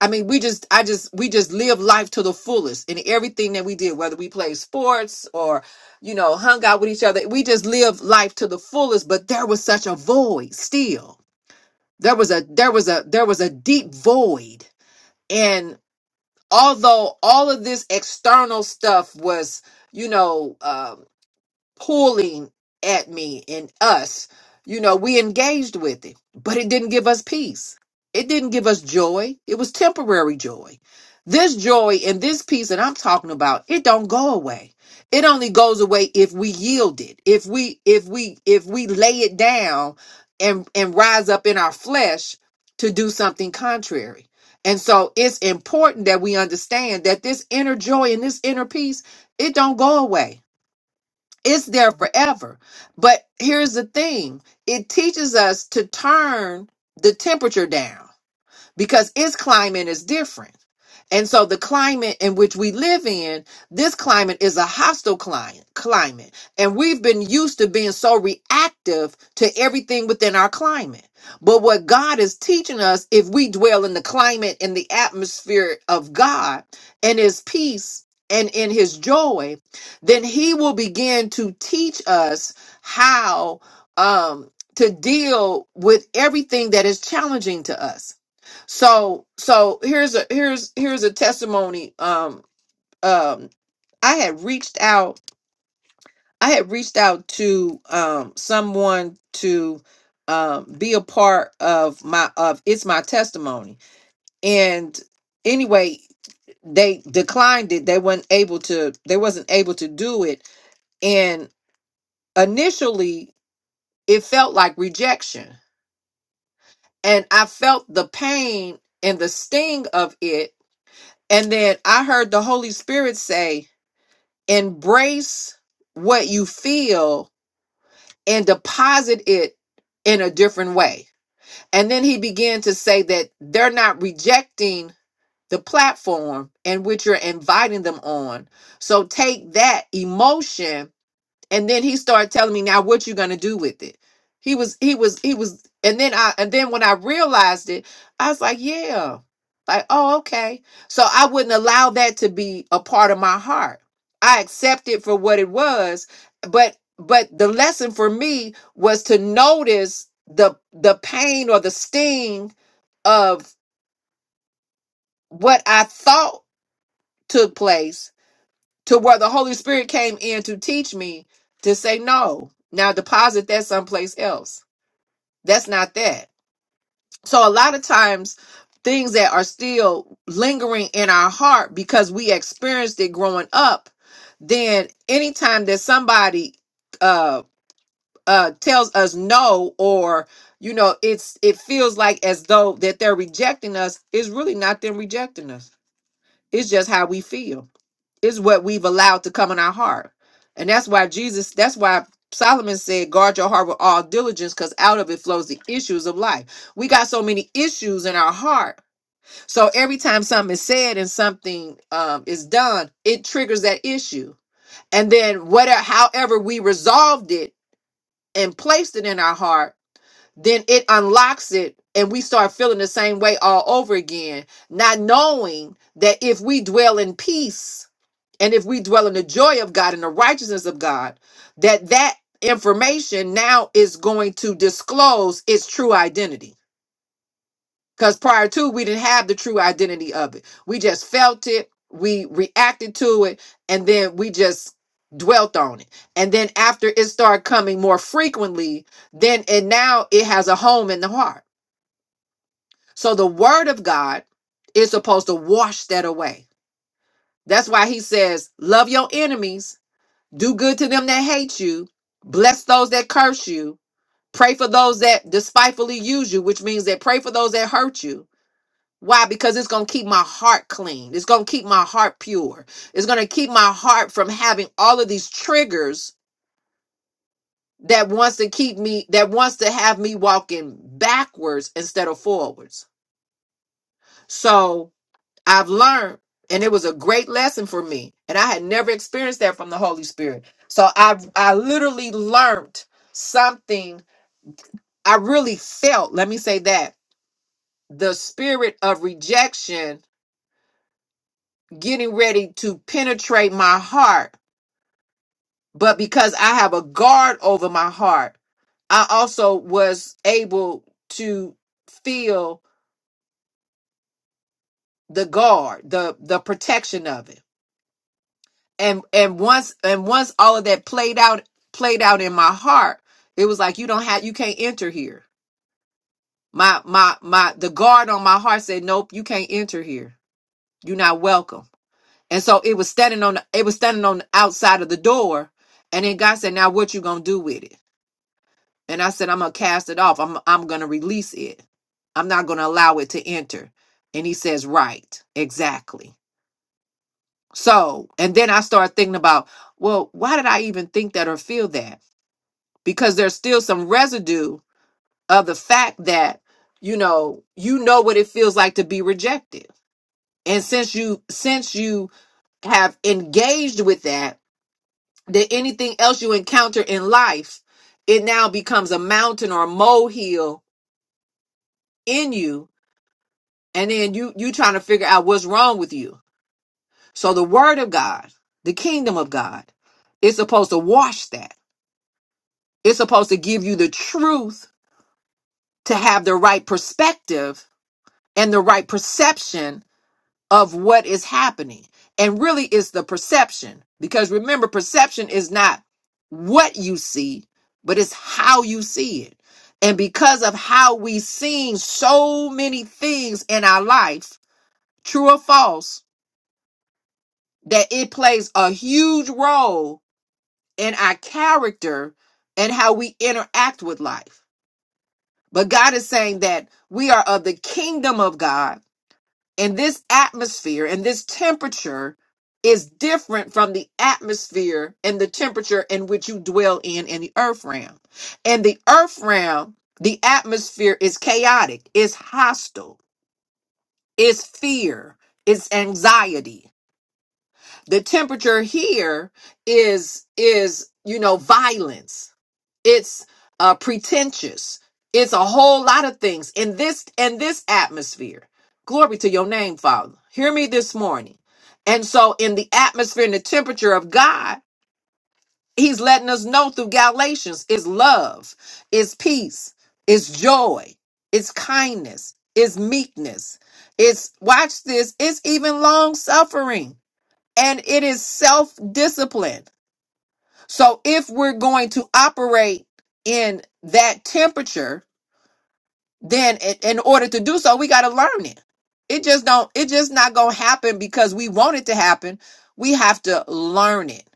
A: I mean, we just, I just, we just lived life to the fullest in everything that we did, whether we played sports or, you know, hung out with each other. We just lived life to the fullest, but there was such a void still there was a there was a there was a deep void and although all of this external stuff was you know um pulling at me and us, you know, we engaged with it, but it didn't give us peace. It didn't give us joy. It was temporary joy. This joy and this peace that I'm talking about, it don't go away. It only goes away if we yield it. If we if we if we lay it down and and rise up in our flesh to do something contrary. And so it's important that we understand that this inner joy and this inner peace, it don't go away it's there forever. But here's the thing it teaches us to turn the temperature down because its climate is different. And so the climate in which we live in, this climate is a hostile client climate. And we've been used to being so reactive to everything within our climate. But what God is teaching us, if we dwell in the climate and the atmosphere of God and his peace and in his joy, then he will begin to teach us how um to deal with everything that is challenging to us so so here's a here's here's a testimony. Um um I had reached out I had reached out to um someone to um be a part of my of it's my testimony. And anyway, they declined it. They weren't able to they wasn't able to do it. And initially it felt like rejection. And I felt the pain and the sting of it. And then I heard the Holy Spirit say, embrace what you feel and deposit it in a different way. And then he began to say that they're not rejecting the platform in which you're inviting them on. So take that emotion and then he started telling me now what you gonna do with it he was he was he was and then i and then when i realized it i was like yeah like oh okay so i wouldn't allow that to be a part of my heart i accept it for what it was but but the lesson for me was to notice the the pain or the sting of what i thought took place to where the Holy Spirit came in to teach me to say no. Now deposit that someplace else. That's not that. So a lot of times things that are still lingering in our heart because we experienced it growing up, then anytime that somebody uh uh tells us no or you know it's it feels like as though that they're rejecting us is really not them rejecting us. It's just how we feel is what we've allowed to come in our heart. And that's why Jesus, that's why Solomon said, guard your heart with all diligence, because out of it flows the issues of life. We got so many issues in our heart. So every time something is said and something um, is done, it triggers that issue. And then whatever however we resolved it and placed it in our heart, then it unlocks it and we start feeling the same way all over again, not knowing that if we dwell in peace and if we dwell in the joy of God and the righteousness of God, that that information now is going to disclose its true identity. Because prior to, we didn't have the true identity of it. We just felt it, we reacted to it, and then we just dwelt on it. And then after it started coming more frequently, then and now it has a home in the heart. So the word of God is supposed to wash that away. That's why he says, Love your enemies Do good to them that hate you. Bless those that curse you. Pray for those that despitefully use you, which means that pray for those that hurt you. Why? Because it's going to keep my heart clean. It's going to keep my heart pure. It's going to keep my heart from having all of these triggers that wants to keep me that wants to have me walking backwards instead of forwards. So, I've learned, and it was a great lesson for me. And I had never experienced that from the Holy Spirit. So I I literally learned something. I really felt, let me say that, the spirit of rejection getting ready to penetrate my heart. But because I have a guard over my heart, I also was able to feel the guard, the the protection of it. and and once and once all of that played out played out in my heart it was like you don't have you can't enter here my my my the guard on my heart said nope you can't enter here you're not welcome and so it was standing on the, it was standing on the outside of the door and then god said now what you gonna do with it and i said i'm gonna cast it off i'm i'm gonna release it i'm not gonna allow it to enter and he says right exactly so and then i started thinking about well why did i even think that or feel that because there's still some residue of the fact that you know you know what it feels like to be rejected and since you since you have engaged with that that anything else you encounter in life it now becomes a mountain or a molehill in you and then you you trying to figure out what's wrong with you so the word of god the kingdom of god is supposed to wash that it's supposed to give you the truth to have the right perspective and the right perception of what is happening. And really, it's the perception. Because remember, perception is not what you see, but it's how you see it. And because of how we seeing so many things in our life, true or false, that it plays a huge role in our character and how we interact with life. But God is saying that we are of the kingdom of God And this atmosphere and this temperature is different from the atmosphere and the temperature in which you dwell in in the earth realm. In the earth realm, the atmosphere is chaotic, it's hostile, it's fear, it's anxiety the temperature here is is you know violence it's uh pretentious it's a whole lot of things in this in this atmosphere glory to your name father hear me this morning and so in the atmosphere and the temperature of god he's letting us know through galatians is love is peace is joy is kindness is meekness it's watch this it's even long suffering and it is self discipline. So if we're going to operate in that temperature, then i- in order to do so, we got to learn it. It just don't. It just not gonna happen because we want it to happen. We have to learn it.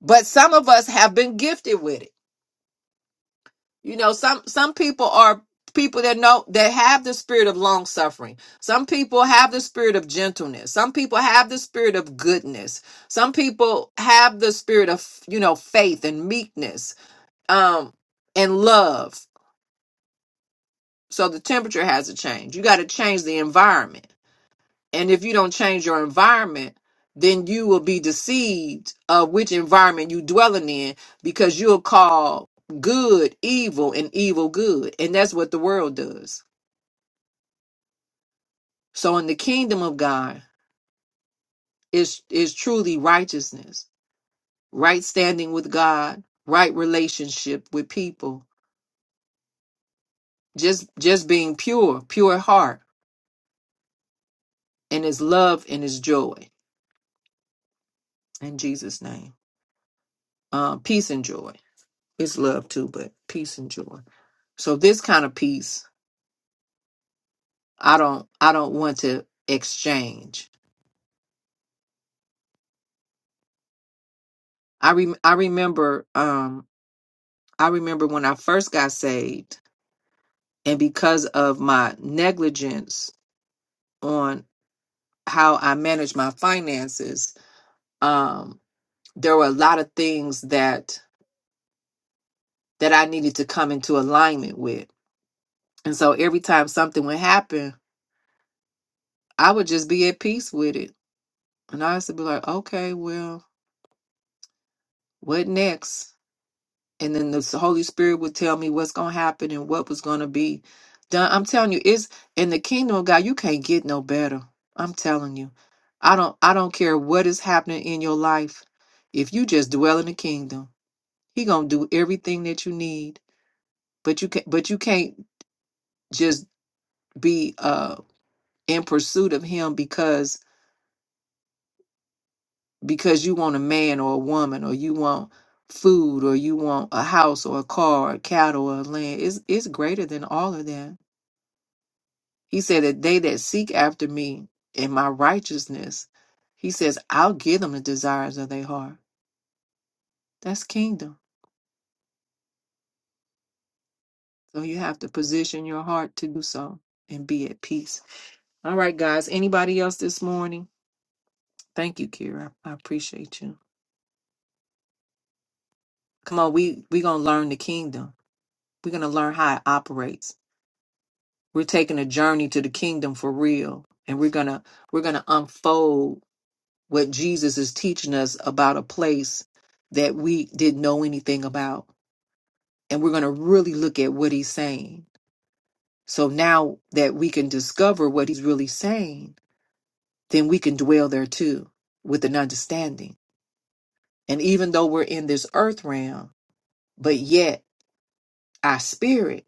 A: But some of us have been gifted with it You know, some some people are people that know that have the spirit of long suffering. Some people have the spirit of gentleness. Some people have the spirit of goodness. Some people have the spirit of, you know, faith and meekness, um, and love. So the temperature has to change. You got to change the environment. And if you don't change your environment, then you will be deceived of which environment you dwelling in because you'll call good evil and evil good. And that's what the world does. So in the kingdom of God is is truly righteousness, right standing with God, right relationship with people, just just being pure, pure heart, and his love and his joy. In Jesus' name. Uh, peace and joy. It's love too, but peace and joy. So this kind of peace, I don't I don't want to exchange. I re, I remember um I remember when I first got saved and because of my negligence on how I managed my finances, um there were a lot of things that that I needed to come into alignment with. And so every time something would happen, I would just be at peace with it. And I used to be like, okay, well, what next? and then the Holy Spirit would tell me what's going to happen and what was going to be done. I'm telling you, it's in the kingdom of God. You can't get no better. I'm telling you, I don't. I don't care what is happening in your life. If you just dwell in the kingdom, He gonna do everything that you need. But you can. not But you can't just be uh in pursuit of Him because because you want a man or a woman or you want food or you want a house or a car or cattle or land. It's it's greater than all of that He said that they that seek after me in my righteousness, he says, I'll give them the desires of their heart. That's kingdom. So you have to position your heart to do so and be at peace. All right, guys. Anybody else this morning? Thank you, Kira. I appreciate you. Come on, we we gonna learn the kingdom. We're gonna learn how it operates. We're taking a journey to the kingdom for real. And we're gonna we're gonna unfold what Jesus is teaching us about a place that we didn't know anything about and we're going to really look at what he's saying. So now that we can discover what he's really saying, then we can dwell there too with an understanding. And even though we're in this earth realm, but yet our spirit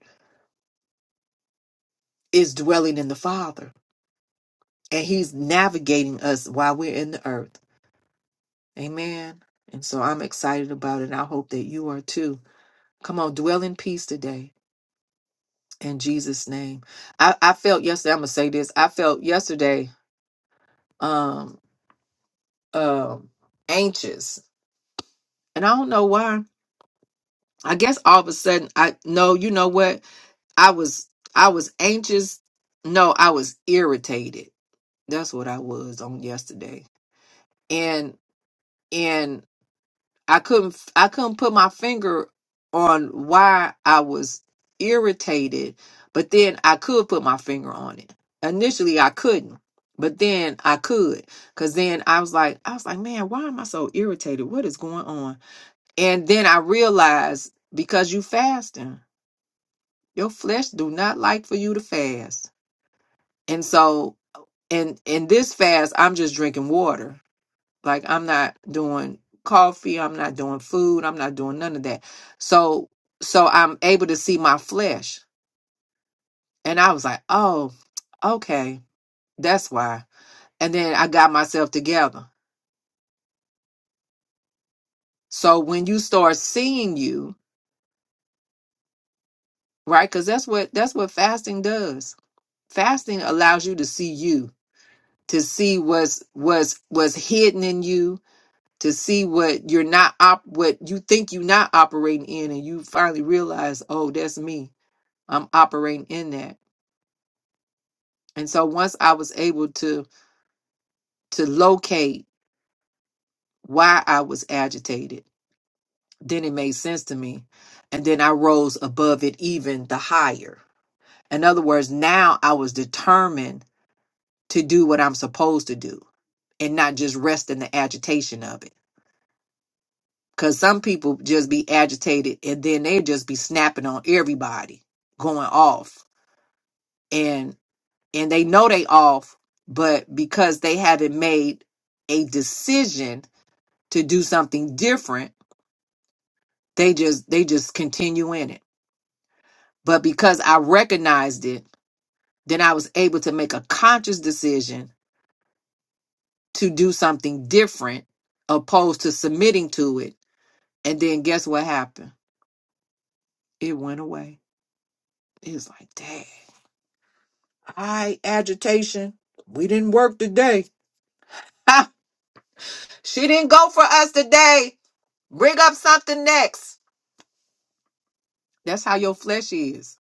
A: is dwelling in the Father and he's navigating us while we're in the earth. Amen. And so I'm excited about it. And I hope that you are too. Come on, dwell in peace today in Jesus' name. I, I felt yesterday, I'm going to say this. I felt yesterday. um, um anxious and i don't know why i guess all of a sudden i no you know what i was i was anxious no i was irritated that's what i was on yesterday and and i couldn't i couldn't put my finger on why i was irritated but then i could put my finger on it initially i couldn't but then i could because then i was like i was like man why am i so irritated what is going on And then I realized because you fasting, your flesh do not like for you to fast. And so in in this fast, I'm just drinking water. Like I'm not doing coffee, I'm not doing food, I'm not doing none of that. So so I'm able to see my flesh. And I was like, "Oh, okay. That's why." And then I got myself together. So when you start seeing you, right? Cuz that's what that's what fasting does. Fasting allows you to see you to see what's what's what's hidden in you to see what you're not op what you think you're not operating in and you finally realize oh that's me i'm operating in that and so once i was able to to locate why i was agitated then it made sense to me and then i rose above it even the higher in other words now i was determined to do what i'm supposed to do and not just rest in the agitation of it Cause some people just be agitated and then they just be snapping on everybody, going off. And and they know they off, but because they haven't made a decision to do something different, they just they just continue in it. But because I recognized it, then I was able to make a conscious decision to do something different opposed to submitting to it. And then guess what happened? It went away. It was like, dang. Aye, agitation. We didn't work today. Ha! She didn't go for us today. Bring up something next. That's how your flesh is.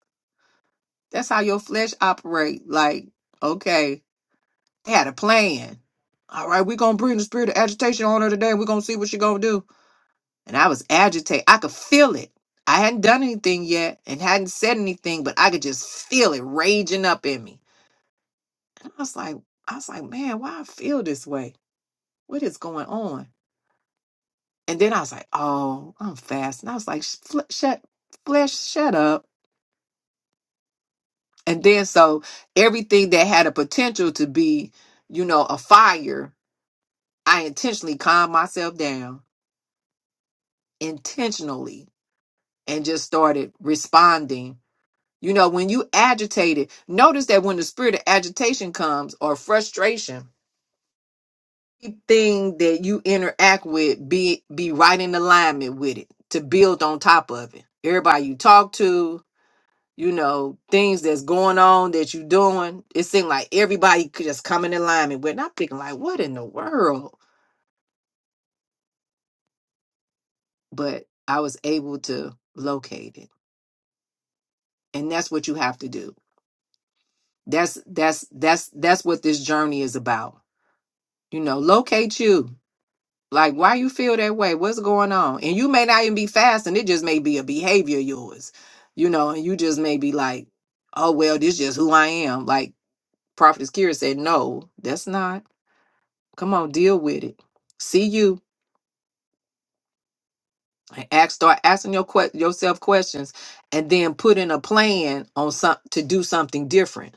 A: That's how your flesh operate. Like, okay, they had a plan. All right, we're gonna bring the spirit of agitation on her today. We're gonna see what she gonna do. And I was agitated. I could feel it. I hadn't done anything yet and hadn't said anything, but I could just feel it raging up in me. And I was like, I was like, man, why I feel this way? What is going on? And then I was like, oh, I'm fasting. I was like, "Sh- fl- shut, flesh, shut up. And then so everything that had a potential to be, you know, a fire, I intentionally calmed myself down intentionally and just started responding. You know, when you agitated, notice that when the spirit of agitation comes or frustration, everything that you interact with be be right in alignment with it to build on top of it. Everybody you talk to, you know, things that's going on that you're doing. It seemed like everybody could just come in alignment with. And I'm thinking, like, what in the world? But I was able to locate it. And that's what you have to do. That's that's that's that's what this journey is about. You know, locate you. Like why you feel that way? What's going on? And you may not even be fasting. It just may be a behavior of yours. You know, and you just may be like, oh well, this is just who I am. Like Prophet Kira said, no, that's not. Come on, deal with it. See you. and Ask, start asking your que- yourself questions, and then put in a plan on some to do something different.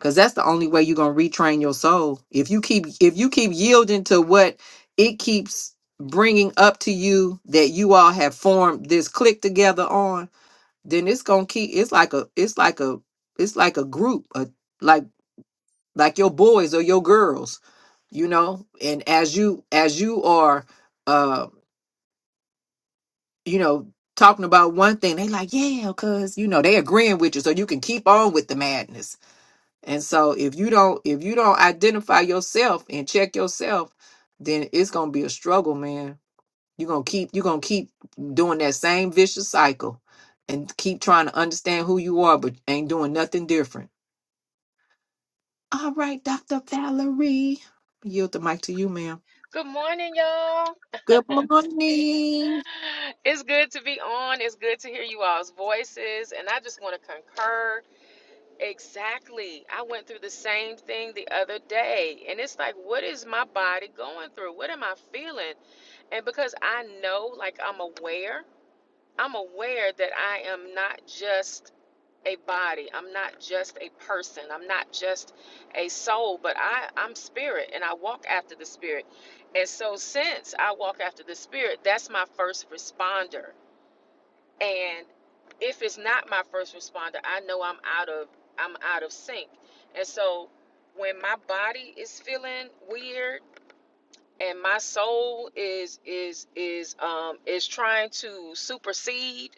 A: Cause that's the only way you're gonna retrain your soul. If you keep if you keep yielding to what it keeps bringing up to you that you all have formed this click together on, then it's gonna keep. It's like a it's like a it's like a group, a, like like your boys or your girls you know and as you as you are uh, you know, talking about one thing, they like, yeah, cause you know, they agreeing with you. So you can keep on with the madness. And so if you don't if you don't identify yourself and check yourself, then it's gonna be a struggle, man. You're gonna keep you're gonna keep doing that same vicious cycle and keep trying to understand who you are, but ain't doing nothing different. All right, Dr. Valerie. Yield the mic to you, ma'am.
D: Good morning, y'all.
A: Good morning.
D: It's good to be on. It's good to hear you all's voices. And I just want to concur. Exactly. I went through the same thing the other day. And it's like, what is my body going through? What am I feeling? And because I know, like, I'm aware, I'm aware that I am not just a body. I'm not just a person. I'm not just a soul, but I, I'm spirit and I walk after the spirit. And so, since I walk after the spirit, that's my first responder. And if it's not my first responder, I know I'm out of I'm out of sync. And so, when my body is feeling weird and my soul is is is um is trying to supersede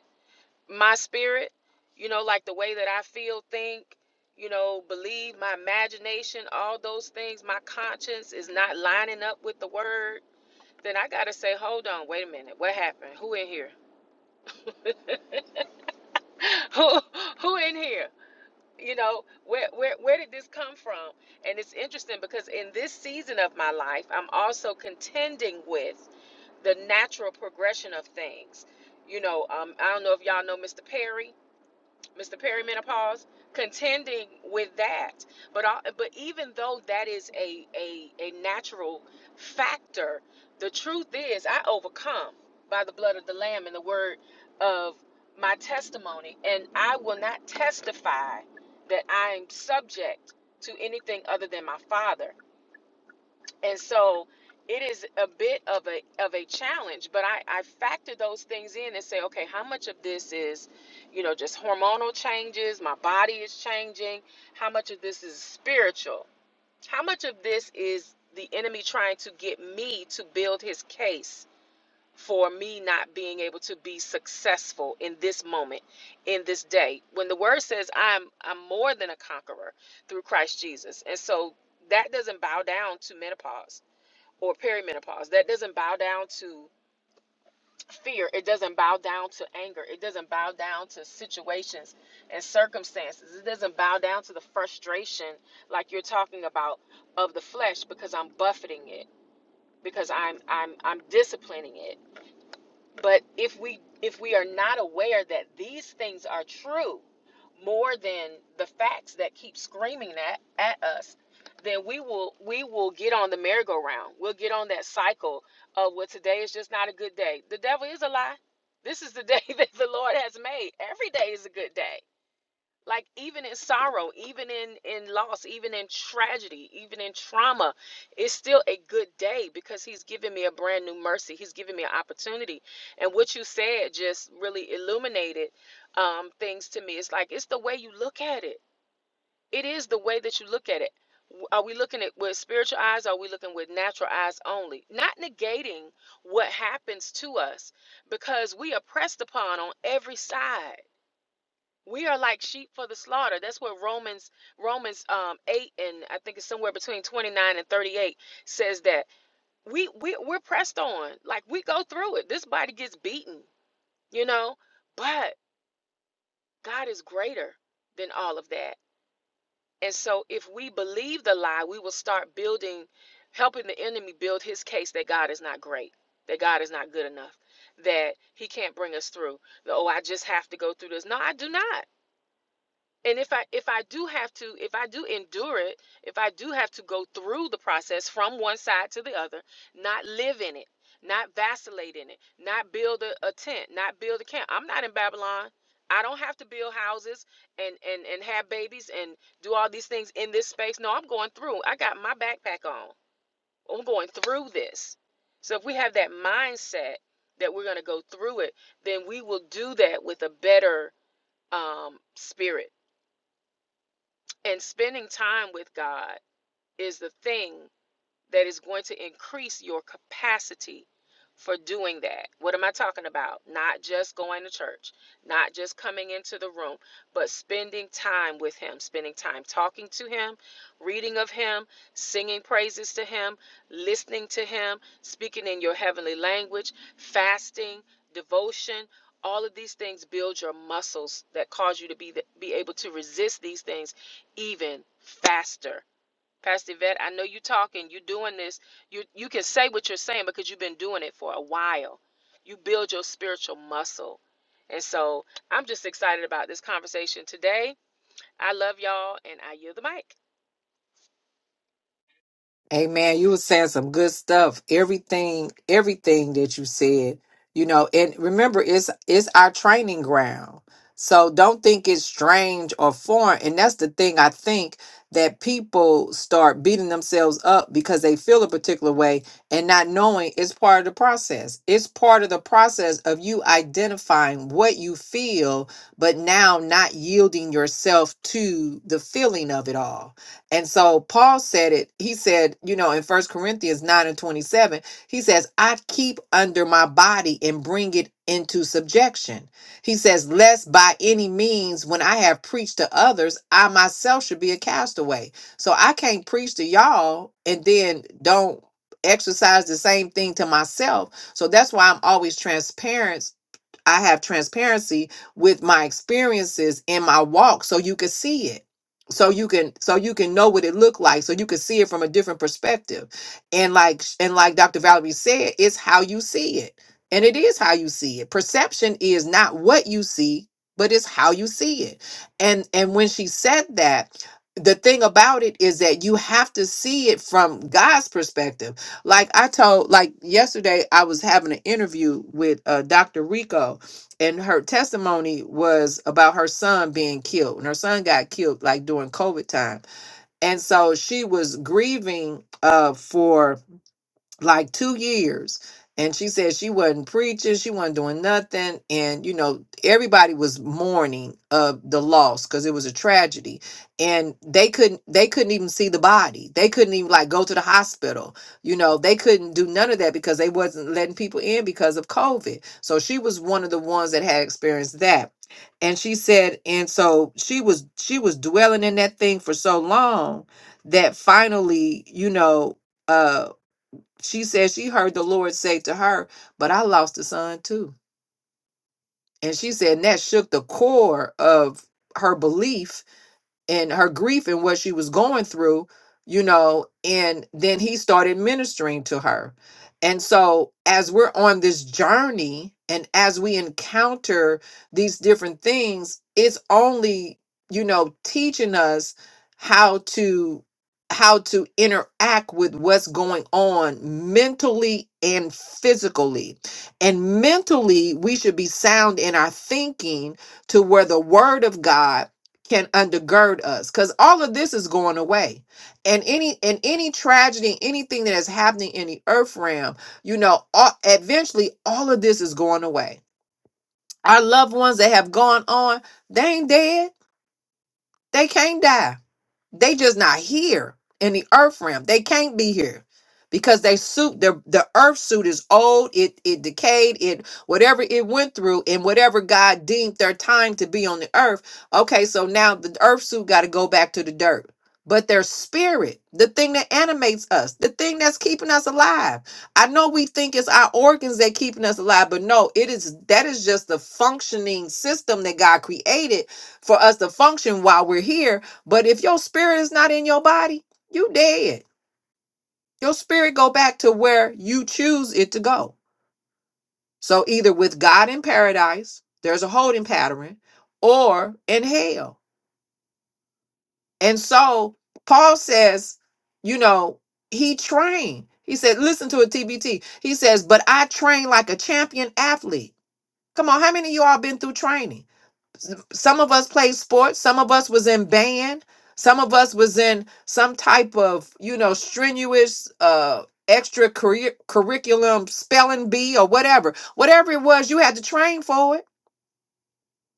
D: my spirit, you know, like the way that I feel, think, you know, believe, my imagination, all those things, my conscience is not lining up with the word, then I gotta say, hold on, wait a minute, what happened? Who in here? who who in here? You know, where where where did this come from? And it's interesting because in this season of my life, I'm also contending with the natural progression of things. You know, um, I don't know if y'all know Mr. Perry. Mr. Perimenopause, contending with that. But uh, but even though that is a, a a natural factor, the truth is I overcome by the blood of the Lamb and the word of my testimony, and I will not testify that I am subject to anything other than my Father and so it is a bit of a of a challenge but i i factor those things in and say okay how much of this is you know just hormonal changes my body is changing how much of this is spiritual how much of this is the enemy trying to get me to build his case for me not being able to be successful in this moment in this day when the word says i'm i'm more than a conqueror through christ jesus and so that doesn't bow down to menopause or perimenopause that doesn't bow down to fear it doesn't bow down to anger it doesn't bow down to situations and circumstances it doesn't bow down to the frustration like you're talking about of the flesh because i'm buffeting it because i'm i'm i'm disciplining it but if we if we are not aware that these things are true more than the facts that keep screaming at, at us, then we will we will get on the merry-go-round. We'll get on that cycle of well today is just not a good day. The devil is a lie. This is the day that the Lord has made. Every day is a good day like even in sorrow even in in loss even in tragedy even in trauma it's still a good day because he's giving me a brand new mercy he's giving me an opportunity and what you said just really illuminated um things to me it's like it's the way you look at it it is the way that you look at it W- are we looking at with spiritual eyes or are we looking with natural eyes only not negating what happens to us because we are pressed upon on every side we are like sheep for the slaughter that's what romans romans um 8 and i think it's somewhere between 29 and 38 says that we, we we're pressed on like we go through it this body gets beaten you know but god is greater than all of that and so if we believe the lie we will start building helping the enemy build his case that god is not great that god is not good enough that he can't bring us through the, oh i just have to go through this no i do not and if i if i do have to if i do endure it if i do have to go through the process from one side to the other not live in it not vacillate in it not build a, a tent not build a camp i'm not in babylon i don't have to build houses and and and have babies and do all these things in this space no i'm going through i got my backpack on i'm going through this so if we have that mindset that we're going to go through it then we will do that with a better um, spirit and spending time with God is the thing that is going to increase your capacity for doing that. What am I talking about? Not just going to church, not just coming into the room, but spending time with Him, spending time talking to Him, reading of Him, singing praises to Him, listening to Him, speaking in your heavenly language, fasting, devotion. All of these things build your muscles that cause you to be, the, be able to resist these things even faster Pastor Yvette, I know you are talking, you are doing this. You you can say what you're saying because you've been doing it for a while. You build your spiritual muscle. And so I'm just excited about this conversation today. I love y'all and I yield the mic.
A: Amen. You were saying some good stuff. Everything, everything that you said, you know, and remember it's it's our training ground. So don't think it's strange or foreign. And that's the thing I think that people start beating themselves up because they feel a particular way and not knowing it's part of the process. It's part of the process of you identifying what you feel, but now not yielding yourself to the feeling of it all and so Paul said it. He said, you know, in First Corinthians 9 and 27, he says, I keep under my body and bring it into subjection. He says, lest by any means, when I have preached to others, I myself should be a castaway. So I can't preach to y'all and then don't exercise the same thing to myself. So that's why I'm always transparent I have transparency with my experiences in my walk so you can see it. So you can so you can know what it looked like so you can see it from a different perspective. And like sh- and like Dr. Valerie said, it's how you see it. And it is how you see it. Perception is not what you see, but it's how you see it. And and when she said that, the thing about it is that you have to see it from God's perspective. Like I told, like yesterday, I was having an interview with uh, Dr. Rico, and her testimony was about her son being killed and her son got killed like during covid time and so she was grieving uh for like two years and she said she wasn't preaching she wasn't doing nothing and you know everybody was mourning of the loss because it was a tragedy and they couldn't they couldn't even see the body they couldn't even like go to the hospital you know they couldn't do none of that because they wasn't letting people in because of covid so she was one of the ones that had experienced that and she said and so she was she was dwelling in that thing for so long that finally you know uh she said she heard the Lord say to her, But I lost a son too. And she said, and that shook the core of her belief and her grief and what she was going through, you know, and then he started ministering to her. And so, as we're on this journey and as we encounter these different things, it's only, you know, teaching us how to how to interact with what's going on mentally and physically. And mentally, we should be sound in our thinking to where the word of God can undergird us because all of this is going away and any and any tragedy anything that is happening in the earth realm you know all, eventually all of this is going away our loved ones that have gone on they ain't dead they can't die they just not here in the earth realm. They can't be here because they suit the the earth suit is old. It it decayed. It whatever it went through and whatever God deemed their time to be on the earth. Okay, so now the earth suit got to go back to the dirt. But their spirit, the thing that animates us, the thing that's keeping us alive. I know we think it's our organs that keeping us alive, but no, it is that is just the functioning system that God created for us to function while we're here but if your spirit is not in your body, you dead. Your spirit go back to where you choose it to go. So either with God in paradise, there's a holding pattern, or in hell. And so Paul says, you know, he trained. He said, listen to a TBT. He says, but I train like a champion athlete. Come on, how many of you all been through training? some of us played sports some of us was in band some of us was in some type of you know strenuous uh extra curriculum spelling bee or whatever whatever it was you had to train for it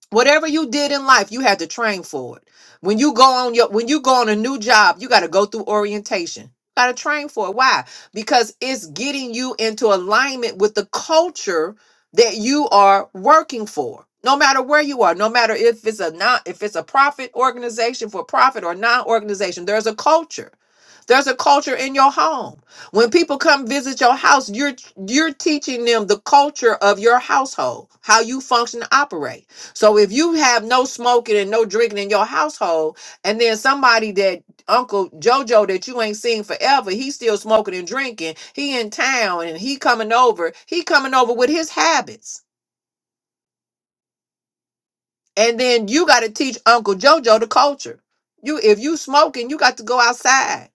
A: whatever you did in life you had to train for it when you go on your when you go on a new job you got to go through orientation got to train for it why because it's getting you into alignment with the culture that you are working for no matter where you are no matter if it's a not if it's a profit organization for profit or non organization there's a culture there's a culture in your home. When people come visit your house, you're you're teaching them the culture of your household, how you function and operate. So if you have no smoking and no drinking in your household, and then somebody that Uncle Jojo that you ain't seen forever, he's still smoking and drinking. He in town and he coming over. He coming over with his habits. And then you got to teach Uncle JoJo the culture. You, if you smoking, you got to go outside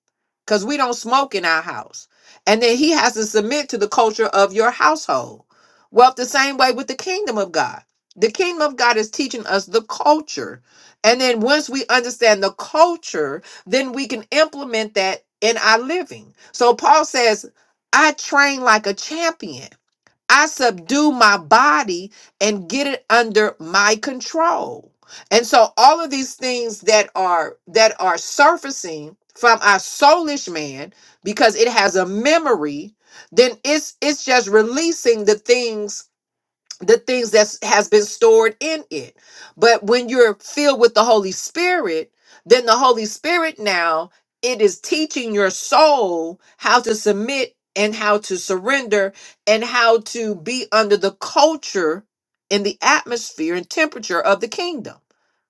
A: because we don't smoke in our house. And then he has to submit to the culture of your household. Well, the same way with the kingdom of God. The kingdom of God is teaching us the culture. And then once we understand the culture, then we can implement that in our living. So Paul says, I train like a champion. I subdue my body and get it under my control. And so all of these things that are that are surfacing from our soulish man because it has a memory, then it's it's just releasing the things the things that has been stored in it. But when you're filled with the Holy Spirit, then the Holy Spirit now it is teaching your soul how to submit and how to surrender and how to be under the culture and the atmosphere and temperature of the kingdom.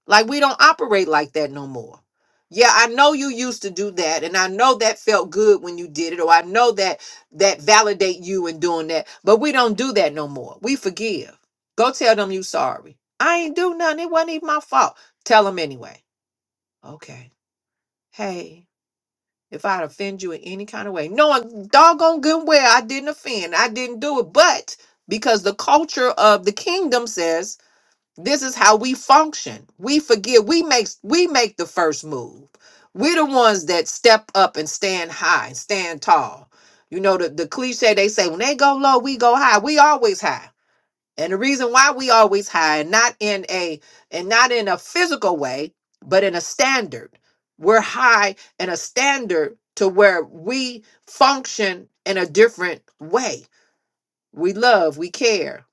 A: Like we don't operate like that no more. Yeah, I know you used to do that and I know that felt good when you did it or I know that that validate you in doing that. But we don't do that no more. We forgive. Go tell them you sorry. I ain't do nothing. It wasn't even my fault. Tell them anyway. Okay. Hey, if I'd offend you in any kind of way, knowing doggone good well I didn't offend. I didn't do it. But because the culture of the kingdom says this is how we function. We forgive. We make we make the first move. We're the ones that step up and stand high, stand tall. You know the, the cliche they say when they go low, we go high. We always high. And the reason why we always high, and not in a and not in a physical way, but in a standard. We're high in a standard to where we function in a different way. We love, we care,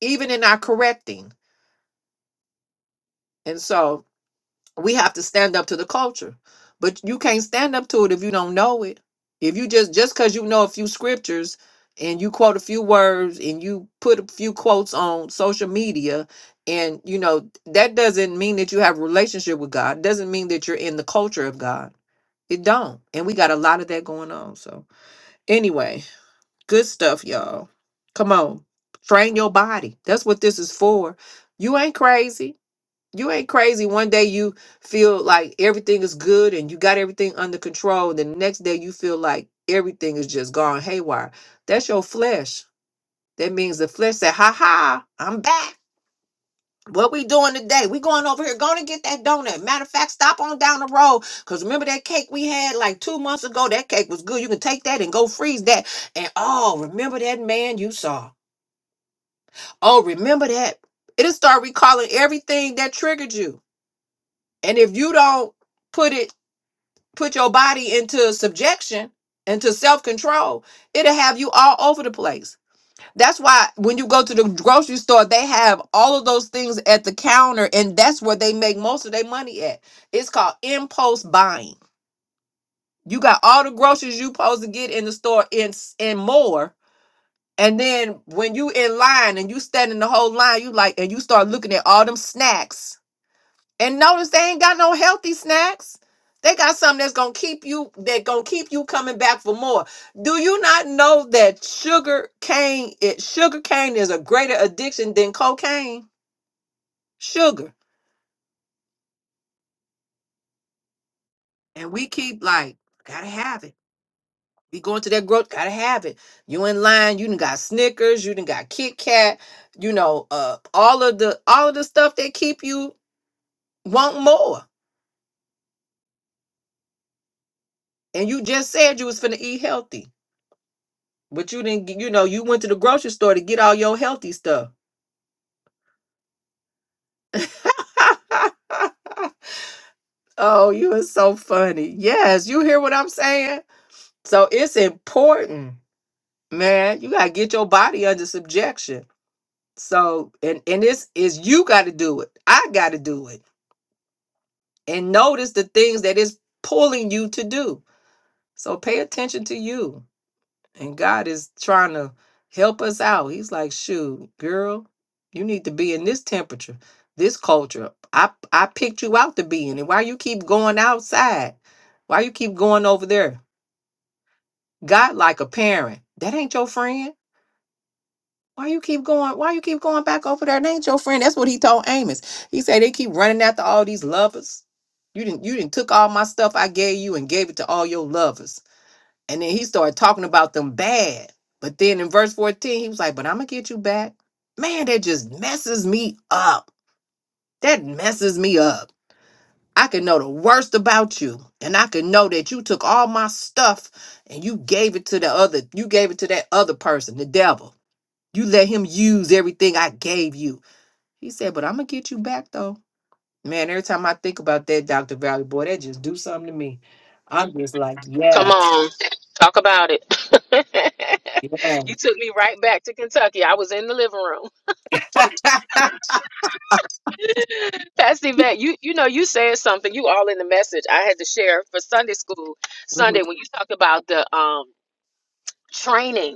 A: even in our correcting. And so we have to stand up to the culture but you can't stand up to it if you don't know it if you just just because you know a few scriptures and you quote a few words and you put a few quotes on social media and you know that doesn't mean that you have a relationship with god doesn't mean that you're in the culture of god it don't and we got a lot of that going on so anyway good stuff y'all come on train your body that's what this is for you ain't crazy you ain't crazy. One day you feel like everything is good and you got everything under control. The next day you feel like everything is just gone haywire. That's your flesh. That means the flesh said, ha ha, I'm back. What we doing today? We going over here, going to get that donut. Matter of fact, stop on down the road. Cause remember that cake we had like two months ago? That cake was good. You can take that and go freeze that. And oh, remember that man you saw. Oh, remember that. It'll start recalling everything that triggered you. And if you don't put it put your body into subjection into self-control it'll have you all over the place that's why when you go to the grocery store they have all of those things at the counter and that's where they make most of their money at it's called impulse buying you got all the groceries you supposed to get in the store and s- and more and then when you in line and you stand in the whole line you like and you start looking at all them snacks and notice they ain't got no healthy snacks. They got something that's gonna keep you that gonna keep you coming back for more. Do you not know that sugar cane it sugar cane is a greater addiction than cocaine? Sugar. And we keep like, gotta have it. We going to that growth, gotta have it. You in line, you done got Snickers, you done got Kit Kat, you know, uh all of the all of the stuff that keep you want more. And you just said you was finna eat healthy. But you didn't, get- you know, you went to the grocery store to get all your healthy stuff. oh, you are so funny. Yes, you hear what I'm saying? So it's important, man. You gotta get your body under subjection. So and and this is you gotta do it. I gotta do it. And notice the things that is pulling you to do. So pay attention to you. and God is trying to help us out. He's like, "Shoot, girl, you need to be in this temperature, this culture. I I picked you out to be in, it. why you keep going outside? Why you keep going over there? God, like a parent, that ain't your friend." Why you keep going? Why you keep going back over there? That ain't your friend. That's what he told Amos. He said they keep running after all these lovers. You didn't. You didn't took all my stuff I gave you and gave it to all your lovers. And then he started talking about them bad. But then in verse 14, he was like, But I'm gonna get you back. Man, that just messes me up. That messes me up. I can know the worst about you. And I can know that you took all my stuff and you gave it to the other, you gave it to that other person, the devil. You let him use everything I gave you. He said, But I'm gonna get you back though. Man, every time I think about that, Dr. Valley, boy, that just do something to me. I'm just like,
D: Come on.
A: yes.
D: Talk about it.
A: Yeah.
D: you took me right back to Kentucky. I was in the living room. Pastor Yvette, you you know you said something. You all in the message. I had to share for Sunday school Sunday when you talked about the um training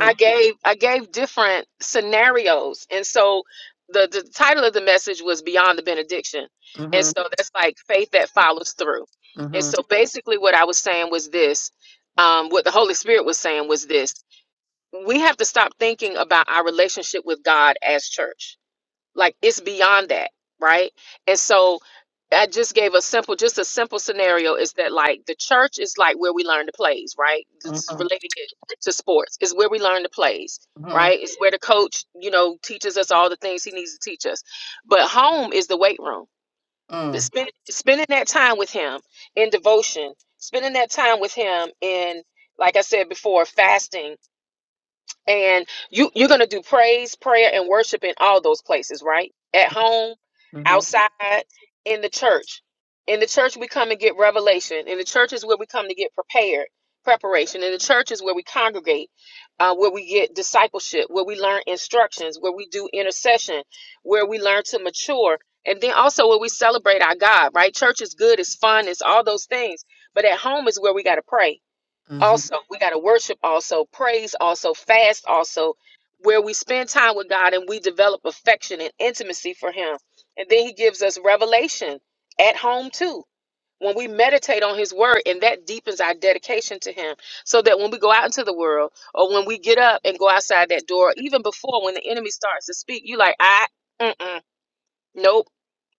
D: I gave I gave different scenarios, and so the the title of the message was Beyond the Benediction, and
A: mhm,
D: so that's like faith that follows through, and
A: mhm, mhm,
D: so basically what I was saying was this, um, what the Holy Spirit was saying was this: we have to stop thinking about our relationship with God as church like it's beyond that right and so i just gave a simple just a simple scenario is that like the church is like where we learn the plays right this is
A: mhm,
D: relating it to sports is where we learn the plays
A: mm,
D: right it's where the coach you know teaches us all the things he needs to teach us but home is the weight room The spend, spending that time with him in devotion spending that time with him in like i said before fasting and you you're going to do praise prayer and worship in all those places right at home
A: mhm,
D: outside in the church in the church we come and get revelation in the church is where we come to get prepared preparation in the church is where we congregate uh, where we get discipleship where we learn instructions where we do intercession where we learn to mature and then also where we celebrate our god right church is good it's fun it's all those things but at home is where we got to pray
A: mhm,
D: also we got to worship also praise also fast also where we spend time with god and we develop affection and intimacy for him and then he gives us revelation at home too when we meditate on his word and that deepens our dedication to him so that when we go out into the world or when we get up and go outside that door even before when the enemy starts to speak you like i mm-mm, nope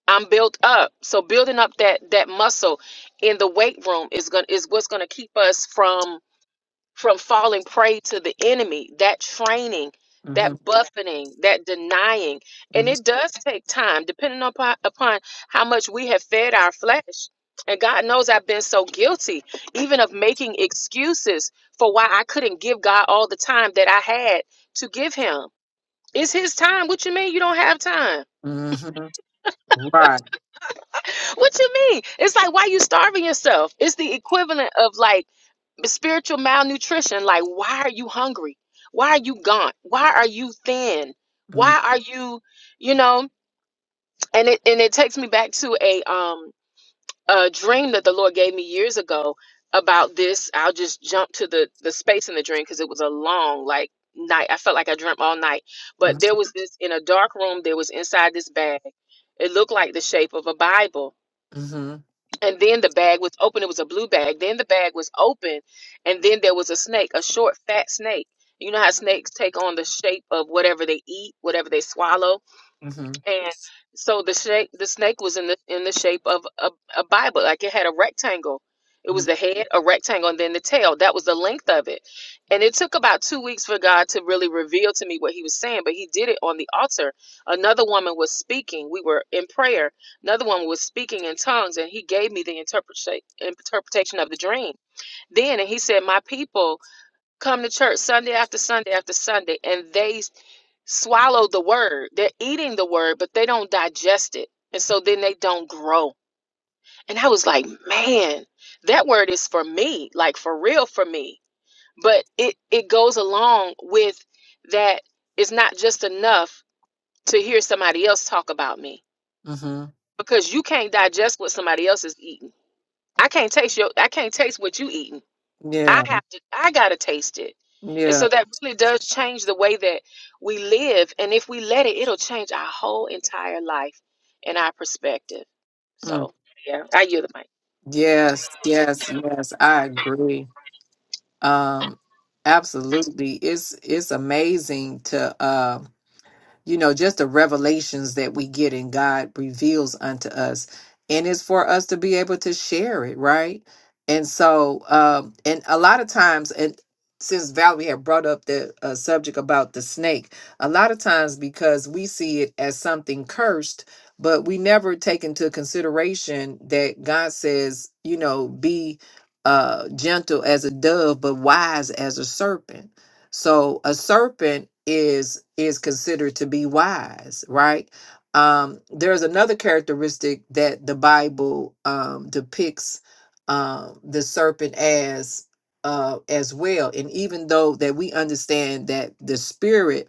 D: i'm built up so building up that that muscle in the weight room is gonna is what's gonna keep us from from falling prey to the enemy, that training, that
A: mhm,
D: buffeting, that denying. And
A: mhm,
D: it does take time, depending upon, upon how much we have fed our flesh. And God knows I've been so guilty, even of making excuses for why I couldn't give God all the time that I had to give Him. It's His time. What you mean you don't have time?
A: mhm. Right.
D: What you mean? It's like why you starving yourself? It's the equivalent of like spiritual malnutrition. Like why are you hungry? Why are you gaunt? Why are you thin?
A: Mm,
D: Why are you, you know? And it and it takes me back to a um a dream that the Lord gave me years ago about this. I'll just jump to the the space in the dream because it was a long like night. I felt like I dreamt all night.
A: mhm,
D: But there was this in a dark room. There was inside this bag. It looked like the shape of a Bible and then the bag was open. It was a blue bag. Then the bag was open, and then there was a snake, a short, fat snake. You know how snakes take on the shape of whatever they eat, whatever they swallow.
A: mhm,
D: And so the snake, the snake was in the in the shape of a, a Bible, like it had a rectangle. It was
A: mhm, mhm,
D: the head, a rectangle, and then the tail. That was the length of it. And it took about two weeks for God to really reveal to me what He was saying, but He did it on the altar. Another woman was speaking. We were in prayer. Another woman was speaking in tongues, and He gave me the interpretation interpretation of the dream. Then, and He said, "My people come to church Sunday after Sunday after Sunday, and they swallow the word. They're eating the word, but they don't digest it. And so then they don't grow. And I was like, man, that word is for me, like for real for me. But it, it goes along with that it's not just enough to hear somebody else talk about me
A: mhm.
D: because you can't digest what somebody else is eating. I can't taste your I can't taste what you eating. I
A: Yeah.
D: have to, I got to taste it. And
A: Yeah.
D: so that really does change the way that we live. And if we let it, it'll change our whole entire life and our perspective.
A: mm.
D: So, yeah, I yield the mic.
A: Yes. Yes. Yes. I agree. Um. Absolutely. It's it's amazing to um you know, just the revelations that we get and God reveals unto us. And it's for us to be able to share it, right? And so, um, and a lot of times, and since Valerie had brought up the uh, subject about the snake, a lot of times because we see it as something cursed, but we never take into consideration that God says, you know, be uh, gentle as a dove, but wise as a serpent so a serpent is is considered to be wise, right? Um, there's another characteristic that the Bible um, depicts um, the serpent as uh, as well, and even though that we understand that the spirit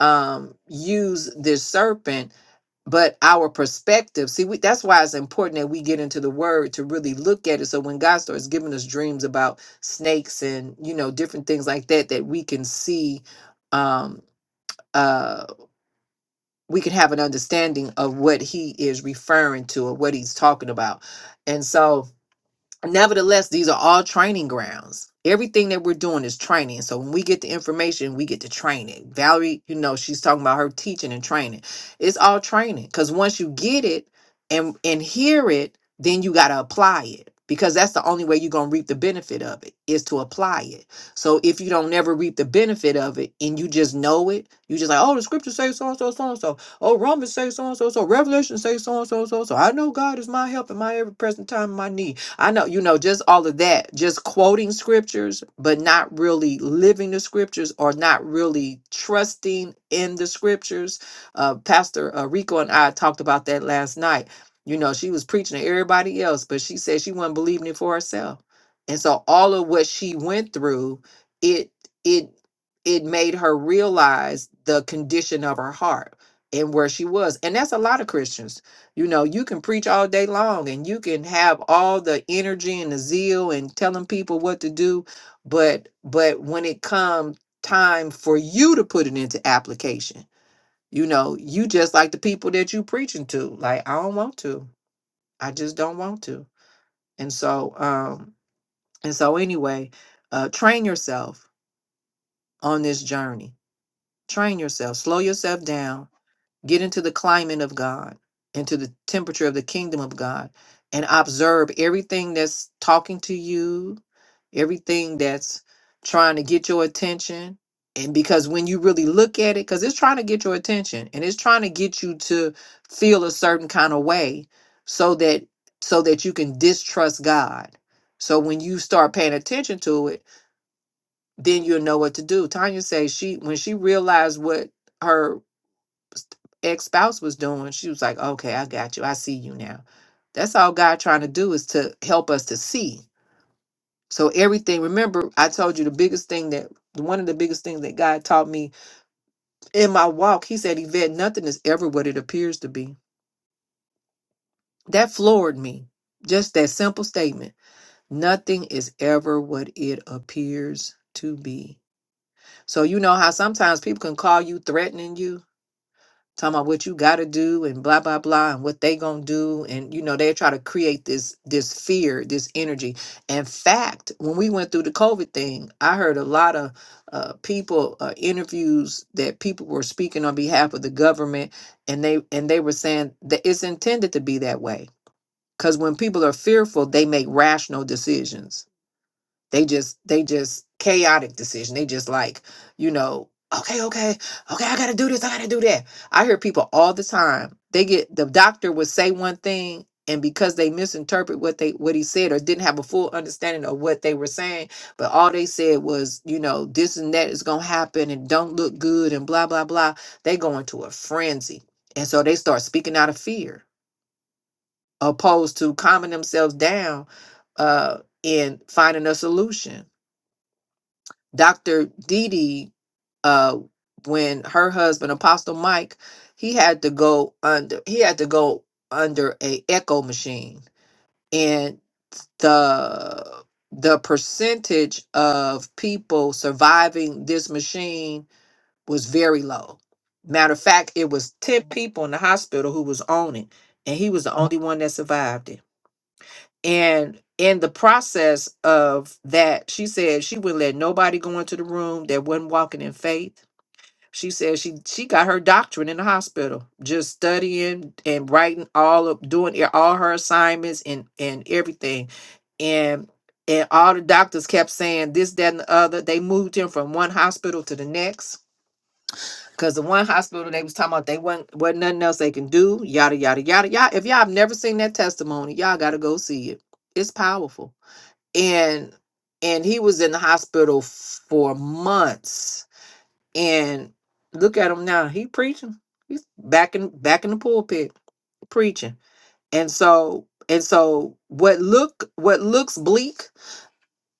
A: um, use this serpent but our perspective see we, that's why it's important that we get into the word to really look at it so when god starts giving us dreams about snakes and you know different things like that that we can see um uh we can have an understanding of what he is referring to or what he's talking about and so Nevertheless, these are all training grounds. Everything that we're doing is training. So when we get the information, we get to train it. Valerie, you know, she's talking about her teaching and training. It's all training because once you get it and and hear it, then you got to apply it because that's the only way you're gonna reap the benefit of it is to apply it. So if you don't never reap the benefit of it and you just know it, you just like, oh, the scripture says so and so, so and so. Oh, Romans say so and so, so Revelation say so and so, so so. I know God is my help in my every present time, in my need. I know, you know, just all of that, just quoting scriptures, but not really living the scriptures or not really trusting in the scriptures. Uh, Pastor uh, Rico and I talked about that last night. You know, she was preaching to everybody else, but she said she wasn't believing it for herself. And so all of what she went through, it, it, it made her realize the condition of her heart and where she was. And that's a lot of Christians you know, you can preach all day long and you can have all the energy and the zeal and telling people what to do, but but when it comes time for you to put it into application, you know, you just like the people that you preaching to. Like, I don't want to. I just don't want to. And so um and so anyway, uh train yourself on this journey. Train yourself. Slow yourself down Get into the climate of God, into the temperature of the kingdom of God, and observe everything that's talking to you, everything that's trying to get your attention. And because when you really look at it, because it's trying to get your attention and it's trying to get you to feel a certain kind of way so that so that you can distrust God. So when you start paying attention to it, then you'll know what to do. Tanya says she when she realized what her ex spouse was doing, she was like, okay, I got you. I see you now. That's all God trying to do is to help us to see. So everything, remember, I told you the biggest thing that one of the biggest things that God taught me in my walk, he said, Yvette, nothing is ever what it appears to be. That floored me. Just that simple statement. Nothing is ever what it appears to be. So you know how sometimes people can call you threatening you talking about what you got to do and blah blah blah and what they gonna do and you know they try to create this this fear this energy in fact when we went through the covid thing i heard a lot of uh, people uh, interviews that people were speaking on behalf of the government and they and they were saying that it's intended to be that way because when people are fearful they make rational decisions they just they just chaotic decision. They just like, you know, okay, okay, okay, I gotta do this, I gotta do that. I hear people all the time. They get the doctor would say one thing and because they misinterpret what they what he said or didn't have a full understanding of what they were saying, but all they said was, you know, this and that is gonna happen and don't look good and blah blah blah. They go into a frenzy. And so they start speaking out of fear, opposed to calming themselves down uh in finding a solution Dr. Dee Dee, uh, when her husband Apostle Mike, he had to go under he had to go under a echo machine, and the the percentage of people surviving this machine was very low. Matter of fact, it was ten people in the hospital who was on it, and he was the only one that survived it. And in the process of that, she said she wouldn't let nobody go into the room that wasn't walking in faith. She said she she got her doctorate in the hospital, just studying and writing all of doing e- all her assignments and and everything. And and all the doctors kept saying this, that, and the other. They moved him from one hospital to the next. Cause the one hospital they was talking about they wasn't wasn't nothing else they can do, yada yada yada. Y'all, if y'all have never seen that testimony, y'all gotta go see it. It's powerful and and he was in the hospital f- for months and look at him now he preaching he's back in back in the pulpit preaching and so and so what look what looks bleak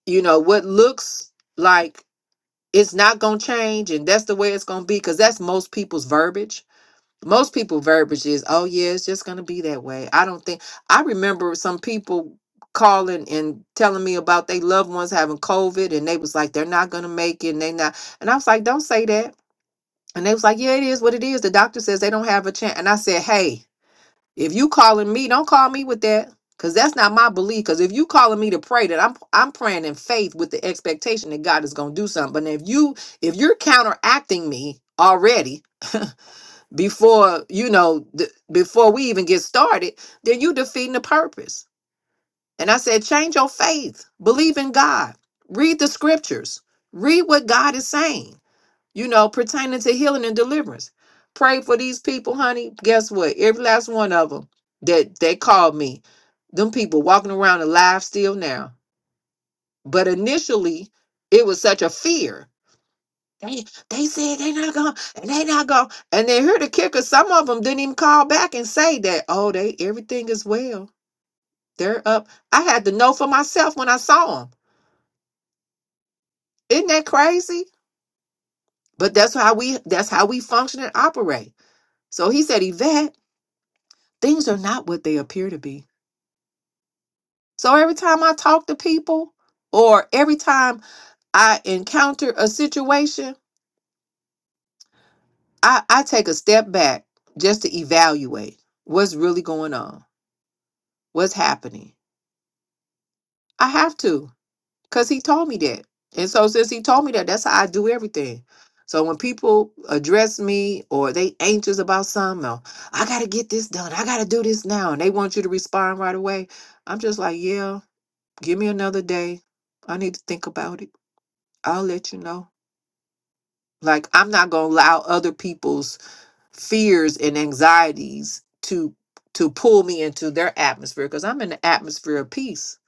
A: you know what looks like it's not gonna change and that's the way it's gonna be because that's most people's verbiage most people verbiage is oh yeah it's just going to be that way i don't think i remember some people calling and telling me about they loved ones having covid and they was like they're not going to make it and they not and i was like don't say that and they was like yeah it is what it is the doctor says they don't have a chance and i said hey if you calling me don't call me with that because that's not my belief because if you calling me to pray that i'm i'm praying in faith with the expectation that god is going to do something but if you if you're counteracting me already before you know th- before we even get started then you defeating the purpose and i said change your faith believe in god read the scriptures read what god is saying you know pertaining to healing and deliverance pray for these people honey guess what every last one of them that they called me them people walking around alive still now but initially it was such a fear they, they said they not going, and they not going. And then here the kicker, some of them didn't even call back and say that, oh, they everything is well. They're up. I had to know for myself when I saw them. Isn't that crazy? But that's how we that's how we function and operate. So he said, Yvette, things are not what they appear to be. So every time I talk to people or every time I encounter a situation, I, I take a step back just to evaluate what's really going on, what's happening I have to, because he told me that. And so since he told me that, that's how I do everything. So when people address me or they anxious about something, or I gotta get this done, I gotta do this now, and they want you to respond right away, I'm just like, yeah, give me another day. I need to think about it. I'll let you know. Like I'm not gonna allow other people's fears and anxieties to to pull me into their atmosphere because I'm in the atmosphere of peace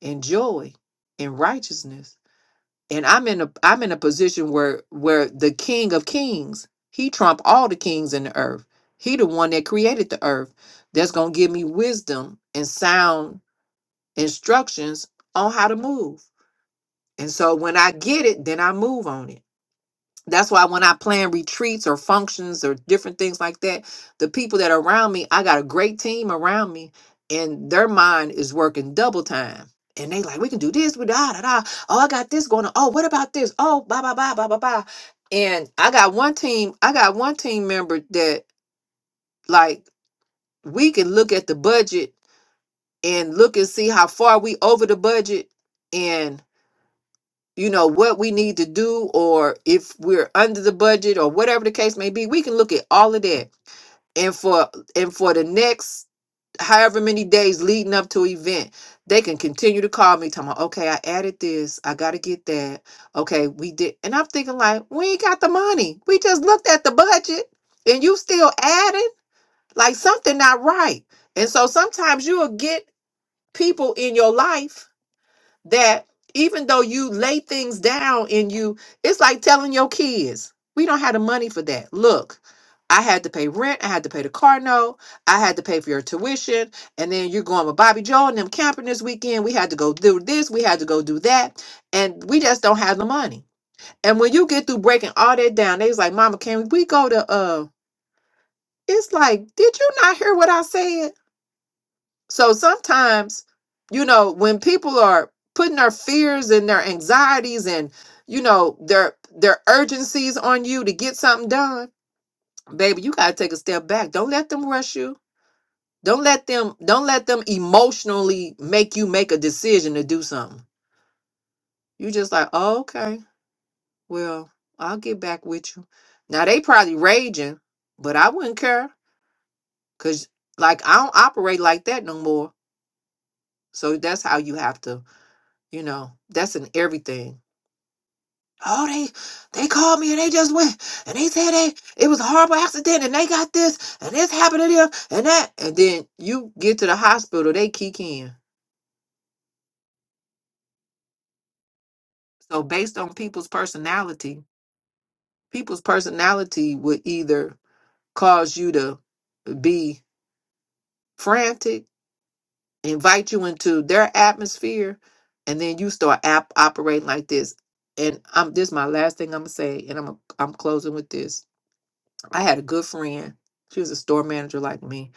A: and joy and righteousness. and I'm in a I'm in a position where where the King of Kings, he trump all the kings in the earth. He the one that created the earth. That's gonna give me wisdom and sound instructions on how to move. And so when I get it, then I move on it. That's why when I plan retreats or functions or different things like that, the people that are around me, I got a great team around me, and their mind is working double time. And they like, we can do this, we da da da. Oh, I got this going on. Oh, what about this? Oh, blah blah blah blah blah blah. And I got one team, I got one team member that like we can look at the budget and look and see how far we over the budget and you know what we need to do or if we're under the budget or whatever the case may be we can look at all of that and for and for the next however many days leading up to event they can continue to call me talking about, okay i added this i gotta get that okay we did and i'm thinking like we ain't got the money we just looked at the budget and you still adding like something not right and so sometimes you'll get people in your life that even though you lay things down and you it's like telling your kids we don't have the money for that look i had to pay rent i had to pay the car note i had to pay for your tuition and then you're going with bobby joe and them camping this weekend we had to go do this we had to go do that and we just don't have the money and when you get through breaking all that down they was like mama can we go to uh it's like did you not hear what i said so sometimes, you know, when people are putting their fears and their anxieties and you know their their urgencies on you to get something done, baby, you gotta take a step back. Don't let them rush you. Don't let them don't let them emotionally make you make a decision to do something. You just like, oh, okay, well, I'll get back with you. Now they probably raging, but I wouldn't care. Cause like I don't operate like that no more. So that's how you have to You know, that's in everything. Oh, they they called me and they just went and they said they it was a horrible accident and they got this and this happened to them and that and then you get to the hospital, they kick in. So based on people's personality, people's personality would either cause you to be frantic, invite you into their atmosphere, and then you start app operating like this. And I'm this is my last thing I'm gonna say, and I'm I'm closing with this I had a good friend. She was a store manager like me,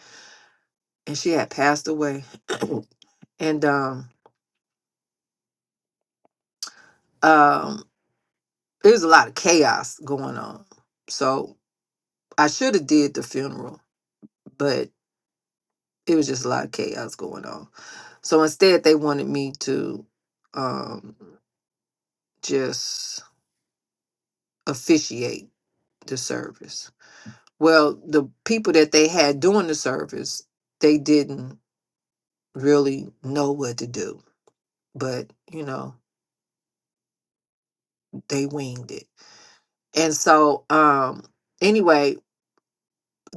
A: and she had passed away. and um, um, there was a lot of chaos going on. So I should have did the funeral, but it was just a lot of chaos going on. So instead, they wanted me to um, just officiate the service. Well, the people that they had doing the service, they didn't really know what to do, but you know, they winged it And so, um, anyway,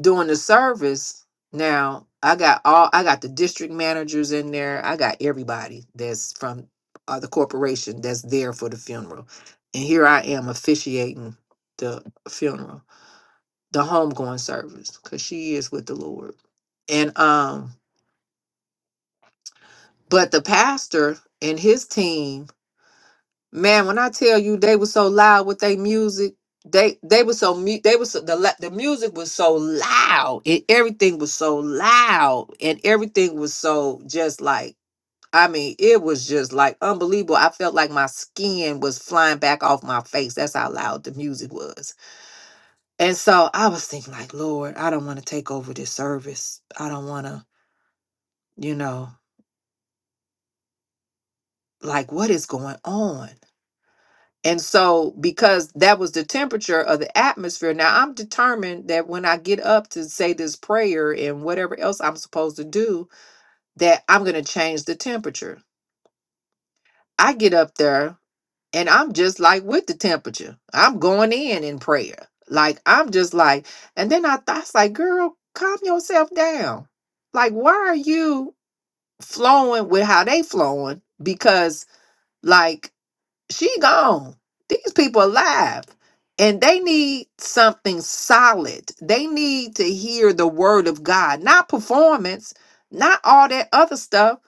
A: during the service, now I got all I got the district managers in there. I got everybody that's from uh, the corporation that's there for the funeral, and here I am officiating the funeral, the homegoing service, because she is with the Lord. And um, but the pastor and his team Man, when I tell you they were so loud with their music, they they were so mu- they was so, the la- the music was so loud and everything was so loud and everything was so just like I mean it was just like unbelievable. I felt like my skin was flying back off my face. That's how loud the music was. And so I was thinking like, Lord, I don't want to take over this service. I don't want to, you know, like what is going on? And so, because that was the temperature of the atmosphere, now I'm determined that when I get up to say this prayer and whatever else I'm supposed to do, that I'm going to change the temperature. I get up there and I'm just like with the temperature. I'm going in in prayer. Like, I'm just like, and then I thought, I was like, girl, calm yourself down. Like, why are you flowing with how they flowing? Because, like, she gone. These people alive. And they need something solid. They need to hear the word of God, not performance, not all that other stuff.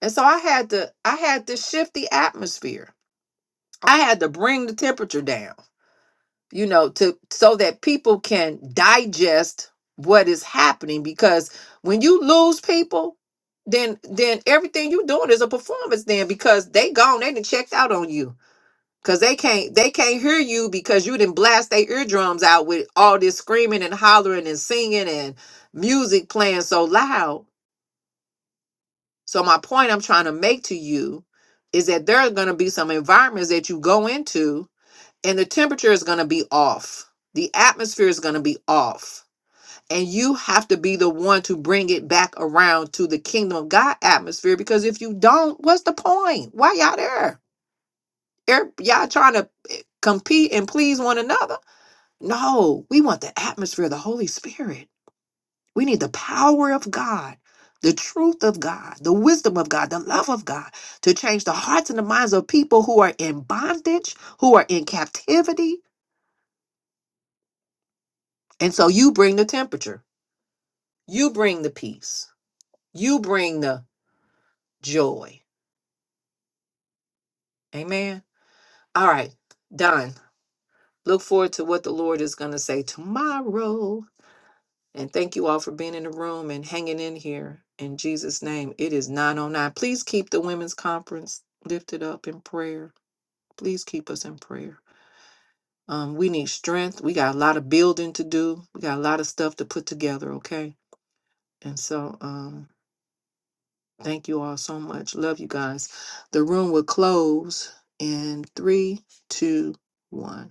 A: And so I had to I had to shift the atmosphere. I had to bring the temperature down, you know, to so that people can digest what is happening because when you lose people, then then everything you're doing is a performance then because they gone, they done checked out on you Cause they can't they can't hear you because you didn't blast their eardrums out with all this screaming and hollering and singing and music playing so loud. So my point I'm trying to make to you is that there are gonna be some environments that you go into and the temperature is gonna be off. The atmosphere is gonna be off. And you have to be the one to bring it back around to the kingdom of God atmosphere because if you don't, what's the point? Why y'all there? Er- Y'all trying to eh, compete and please one another? No, we want the atmosphere of the Holy Spirit. We need the power of God, the truth of God, the wisdom of God, the love of God to change the hearts and the minds of people who are in bondage, who are in captivity. And so you bring the temperature, you bring the peace, you bring the joy. Amen. All right, done. Look forward to what the Lord is going to say tomorrow. And thank you all for being in the room and hanging in here. In Jesus' name, it is 909. Please keep the women's conference lifted up in prayer. Please keep us in prayer. Um, we need strength. We got a lot of building to do. We got a lot of stuff to put together, okay? And so um thank you all so much. Love you guys. The room will close in three, two, one.